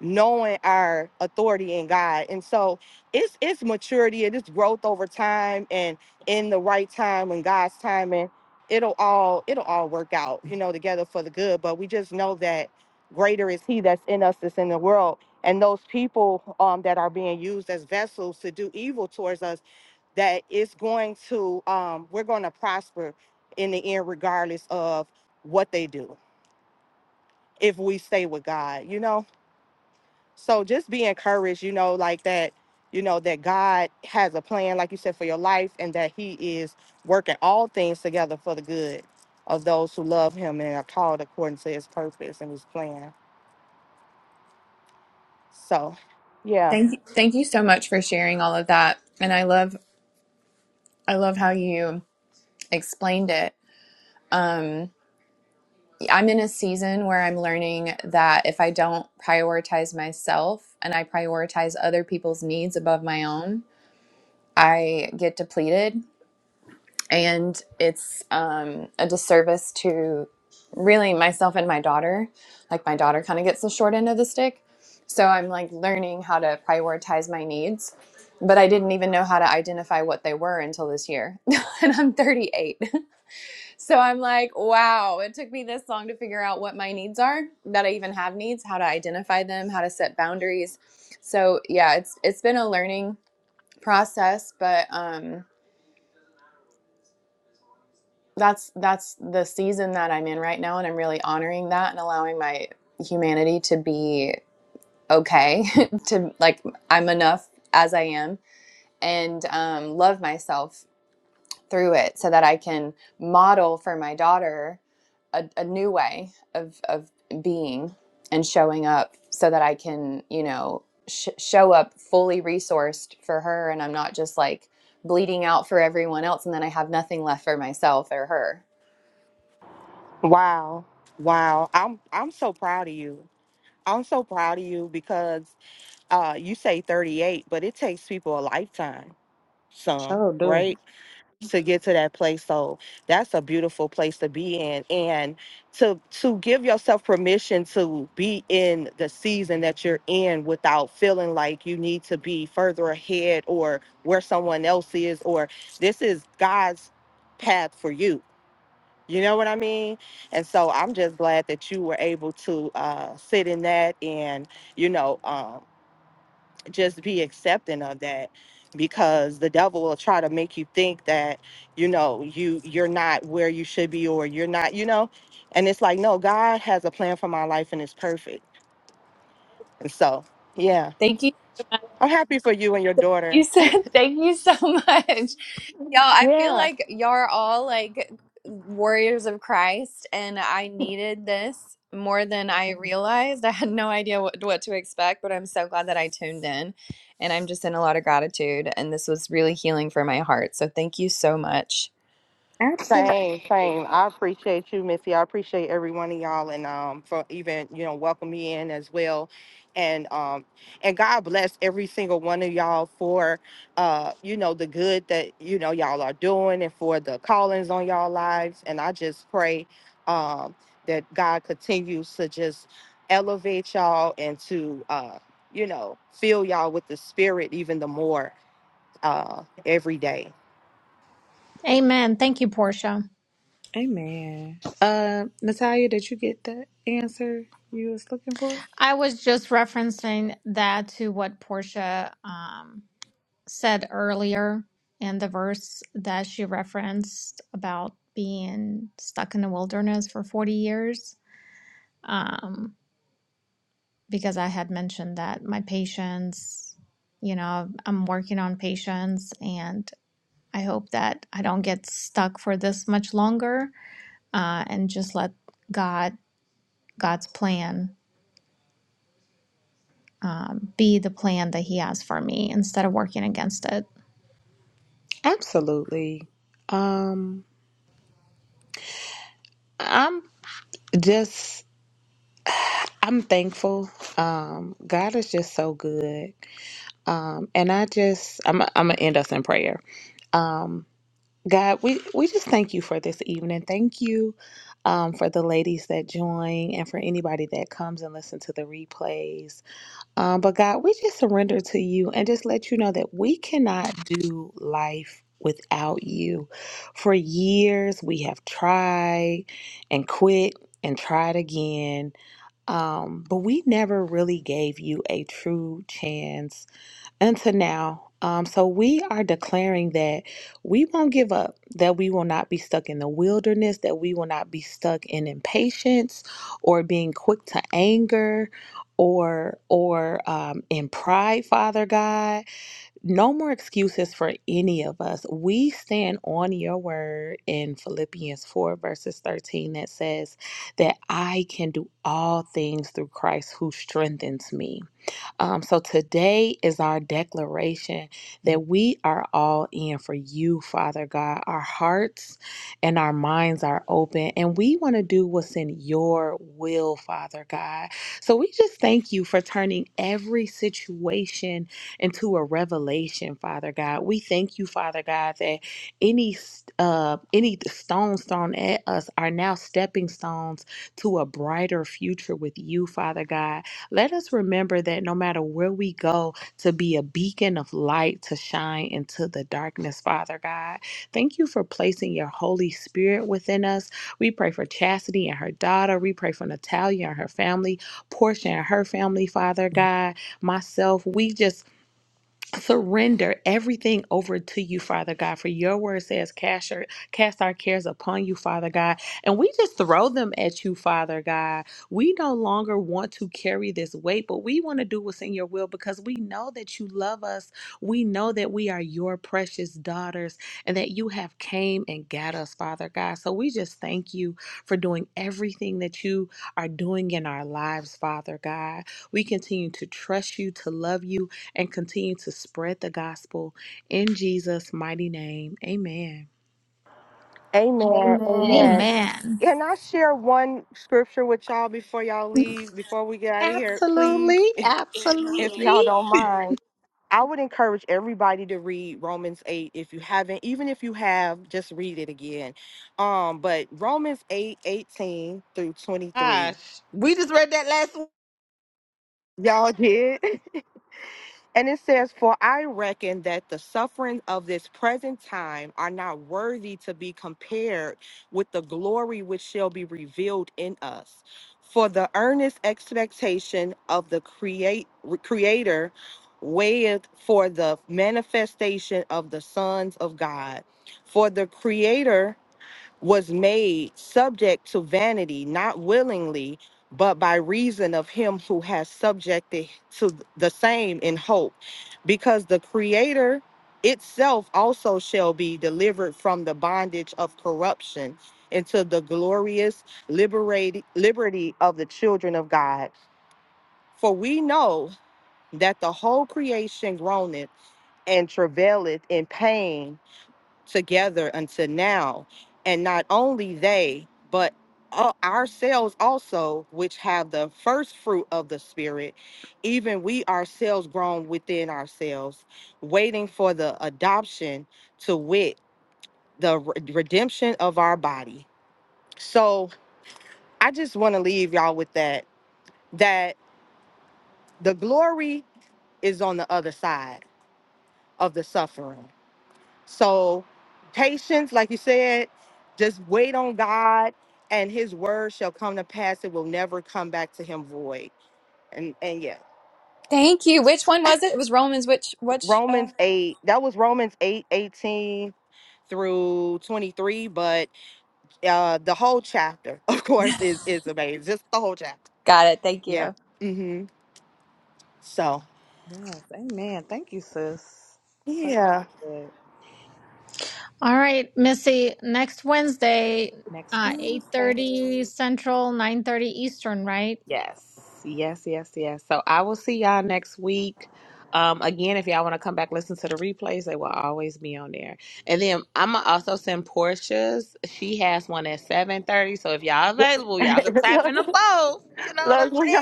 knowing our authority in God. And so it's it's maturity and it's growth over time and in the right time when God's timing, it'll all it'll all work out, you know, together for the good. But we just know that greater is he that's in us that's in the world. And those people um, that are being used as vessels to do evil towards us, that it's going to um, we're going to prosper in the end, regardless of what they do, if we stay with God, you know. So just be encouraged, you know, like that, you know, that God has a plan, like you said, for your life and that He is working all things together for the good of those who love Him and are called according to His purpose and His plan. So, yeah.
Thank you, thank you so much for sharing all of that. And I love I love how you explained it. Um, I'm in a season where I'm learning that if I don't prioritize myself and I prioritize other people's needs above my own, I get depleted and it's um, a disservice to really myself and my daughter. Like my daughter kind of gets the short end of the stick, so I'm like learning how to prioritize my needs. But I didn't even know how to identify what they were until this year, and I'm 38. So I'm like, wow, it took me this long to figure out what my needs are, that I even have needs, how to identify them, how to set boundaries. So yeah, it's it's been a learning process, but um that's that's the season that I'm in right now and I'm really honoring that and allowing my humanity to be okay to like I'm enough as I am and um, love myself through it so that I can model for my daughter a, a new way of of being and showing up so that I can you know sh- show up fully resourced for her and I'm not just like bleeding out for everyone else and then I have nothing left for myself or her
Wow. Wow. I'm I'm so proud of you. I'm so proud of you because uh you say 38, but it takes people a lifetime, some,
Sure do.
right? to get to that place. So that's a beautiful place to be in. And to to give yourself permission to be in the season that you're in without feeling like you need to be further ahead or where someone else is or this is God's path for you. You know what I mean? And so I'm just glad that you were able to uh, sit in that and, you know, um, just be accepting of that because the devil will try to make you think that you know you you're not where you should be or you're not you know and it's like no god has a plan for my life and it's perfect and so yeah
Thank you so much.
i'm happy for you and your
Thank You
daughter
said thank you so much. Y'all, I feel
yeah.
like y'all are all like warriors of Christ, and I needed this more than I realized. I had no idea what, what to expect, but I'm so glad that I tuned in, and I'm just in a lot of gratitude. And this was really healing for my heart. So thank you so much.
Same,
Absolutely.
same. I appreciate you, Missy. I appreciate every one of y'all and um for even, you know, welcome me in as well. And um and God bless every single one of y'all for uh, you know, the good that, you know, y'all are doing and for the callings on y'all lives. And I just pray um that God continues to just elevate y'all and to uh, you know, fill y'all with the spirit even the more uh every day.
Amen. Thank you, Portia.
Amen. Uh, Natalia, did you get the answer you was looking for?
I was just referencing that to what Portia um, said earlier in the verse that she referenced about being stuck in the wilderness for 40 years um, because I had mentioned that my patients, you know, I'm working on patients and I hope that I don't get stuck for this much longer uh, and just let God, God's plan um, be the plan that He has for me instead of working against it.
Absolutely. Um, I'm just I'm thankful. Um, God is just so good. Um, and I just I'm I'm gonna end us in prayer. Um, God, we, we just thank you for this evening. Thank you um, for the ladies that join and for anybody that comes and listen to the replays. Um, but God, we just surrender to you and just let you know that we cannot do life without you. For years, we have tried and quit and tried again, um, but we never really gave you a true chance unto now. Um, so we are declaring that we won't give up, that we will not be stuck in the wilderness, that we will not be stuck in impatience or being quick to anger or or um, in pride, Father God. No more excuses for any of us. We stand on your word in Philippians 4 verses 13 that says that I can do all things through Christ who strengthens me. Um, so today is our declaration that we are all in for you, Father God. Our hearts and our minds are open, and we want to do what's in your will, Father God. So we just thank you for turning every situation into a revelation, Father God. We thank you, Father God, that any uh, any stones thrown at us are now stepping stones to a brighter future with you, Father God. Let us remember that no matter where we go, to be a beacon of light to shine into the darkness, Father God. Thank you for placing your Holy Spirit within us. We pray for Chastity and her daughter. We pray for Natalia and her family, Portia and her family, Father God, myself. We just surrender everything over to you, Father God. For your word says, cast, your, cast our cares upon you, Father God. And we just throw them at you, Father God. We no longer want to carry this weight, but we want to do what's in your will because we know that you love us. We know that we are your precious daughters and that you have came and got us, Father God. So we just thank you for doing everything that you are doing in our lives, Father God. We continue to trust you, to love you, and continue to spread the gospel in Jesus' mighty name. Amen.
Amen. Amen.
Amen.
Amen.
Can I share one scripture with y'all before y'all leave, before we get out of here,
Absolutely.
please? If
Absolutely.
y'all don't mind, I would encourage everybody to read Romans 8 if you haven't, even if you have, just read it again. Um, but Romans 8 18 through 23.
Gosh, we just read that last
Y'all did. And it says, For I reckon that the sufferings of this present time are not worthy to be compared with the glory which shall be revealed in us. For the earnest expectation of the create, Creator waiteth for the manifestation of the sons of God. For the Creator was made subject to vanity, not willingly, but by reason of him who has subjected to the same in hope, because the Creator itself also shall be delivered from the bondage of corruption into the glorious liberate, liberty of the children of God. For we know that the whole creation groaneth and travaileth in pain together until now. And not only they, but uh, ourselves also, which have the first fruit of the Spirit, even we ourselves grown within ourselves, waiting for the adoption to wit, the re- redemption of our body. So I just want to leave y'all with that, that the glory is on the other side of the suffering So, patience, like you said, just wait on God, and His word shall come to pass. It will never come back to Him void. And and yeah,
Thank you. Which one was it? It was Romans. Which which? Uh...
Romans eight. That was Romans eight eighteen through twenty three. But uh, the whole chapter, of course, is is amazing. Just the whole chapter.
Got it. Thank
Yeah.
you.
Mm-hmm. So
week. Yes, amen. Thank you, sis. So
yeah.
good.
All right, Missy, next Wednesday,
Next
uh,
Wednesday.
8.30 Central, 9.30 Eastern, right?
Yes, yes, yes, yes. So I will see y'all next week. Um, again, if y'all want to come back, listen to the replays. They will always be on there. And then I'm gonna also send Portia's. She has one at seven thirty. So if y'all available, y'all can tap in the both. You know what I'm
Look,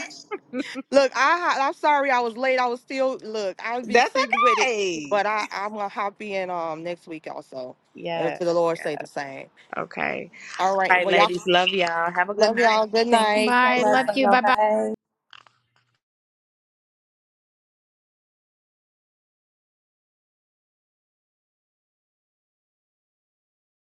saying?
Look, I ha- I'm sorry I was late. I was still look. I'll be
That's
sitting with it, but
okay.
I I'm gonna hop in um next week also, if
Yes,
the Lord
Yeah.
say the same.
Okay.
All
All
right.
right,
Well, y'all
ladies. Love y'all. Have a good
love y'all.
night.
Good
Thank you
night.
so
Bye.
Good
much.
Love
night.
Love
you.
y'all.
Bye-bye.
Bye.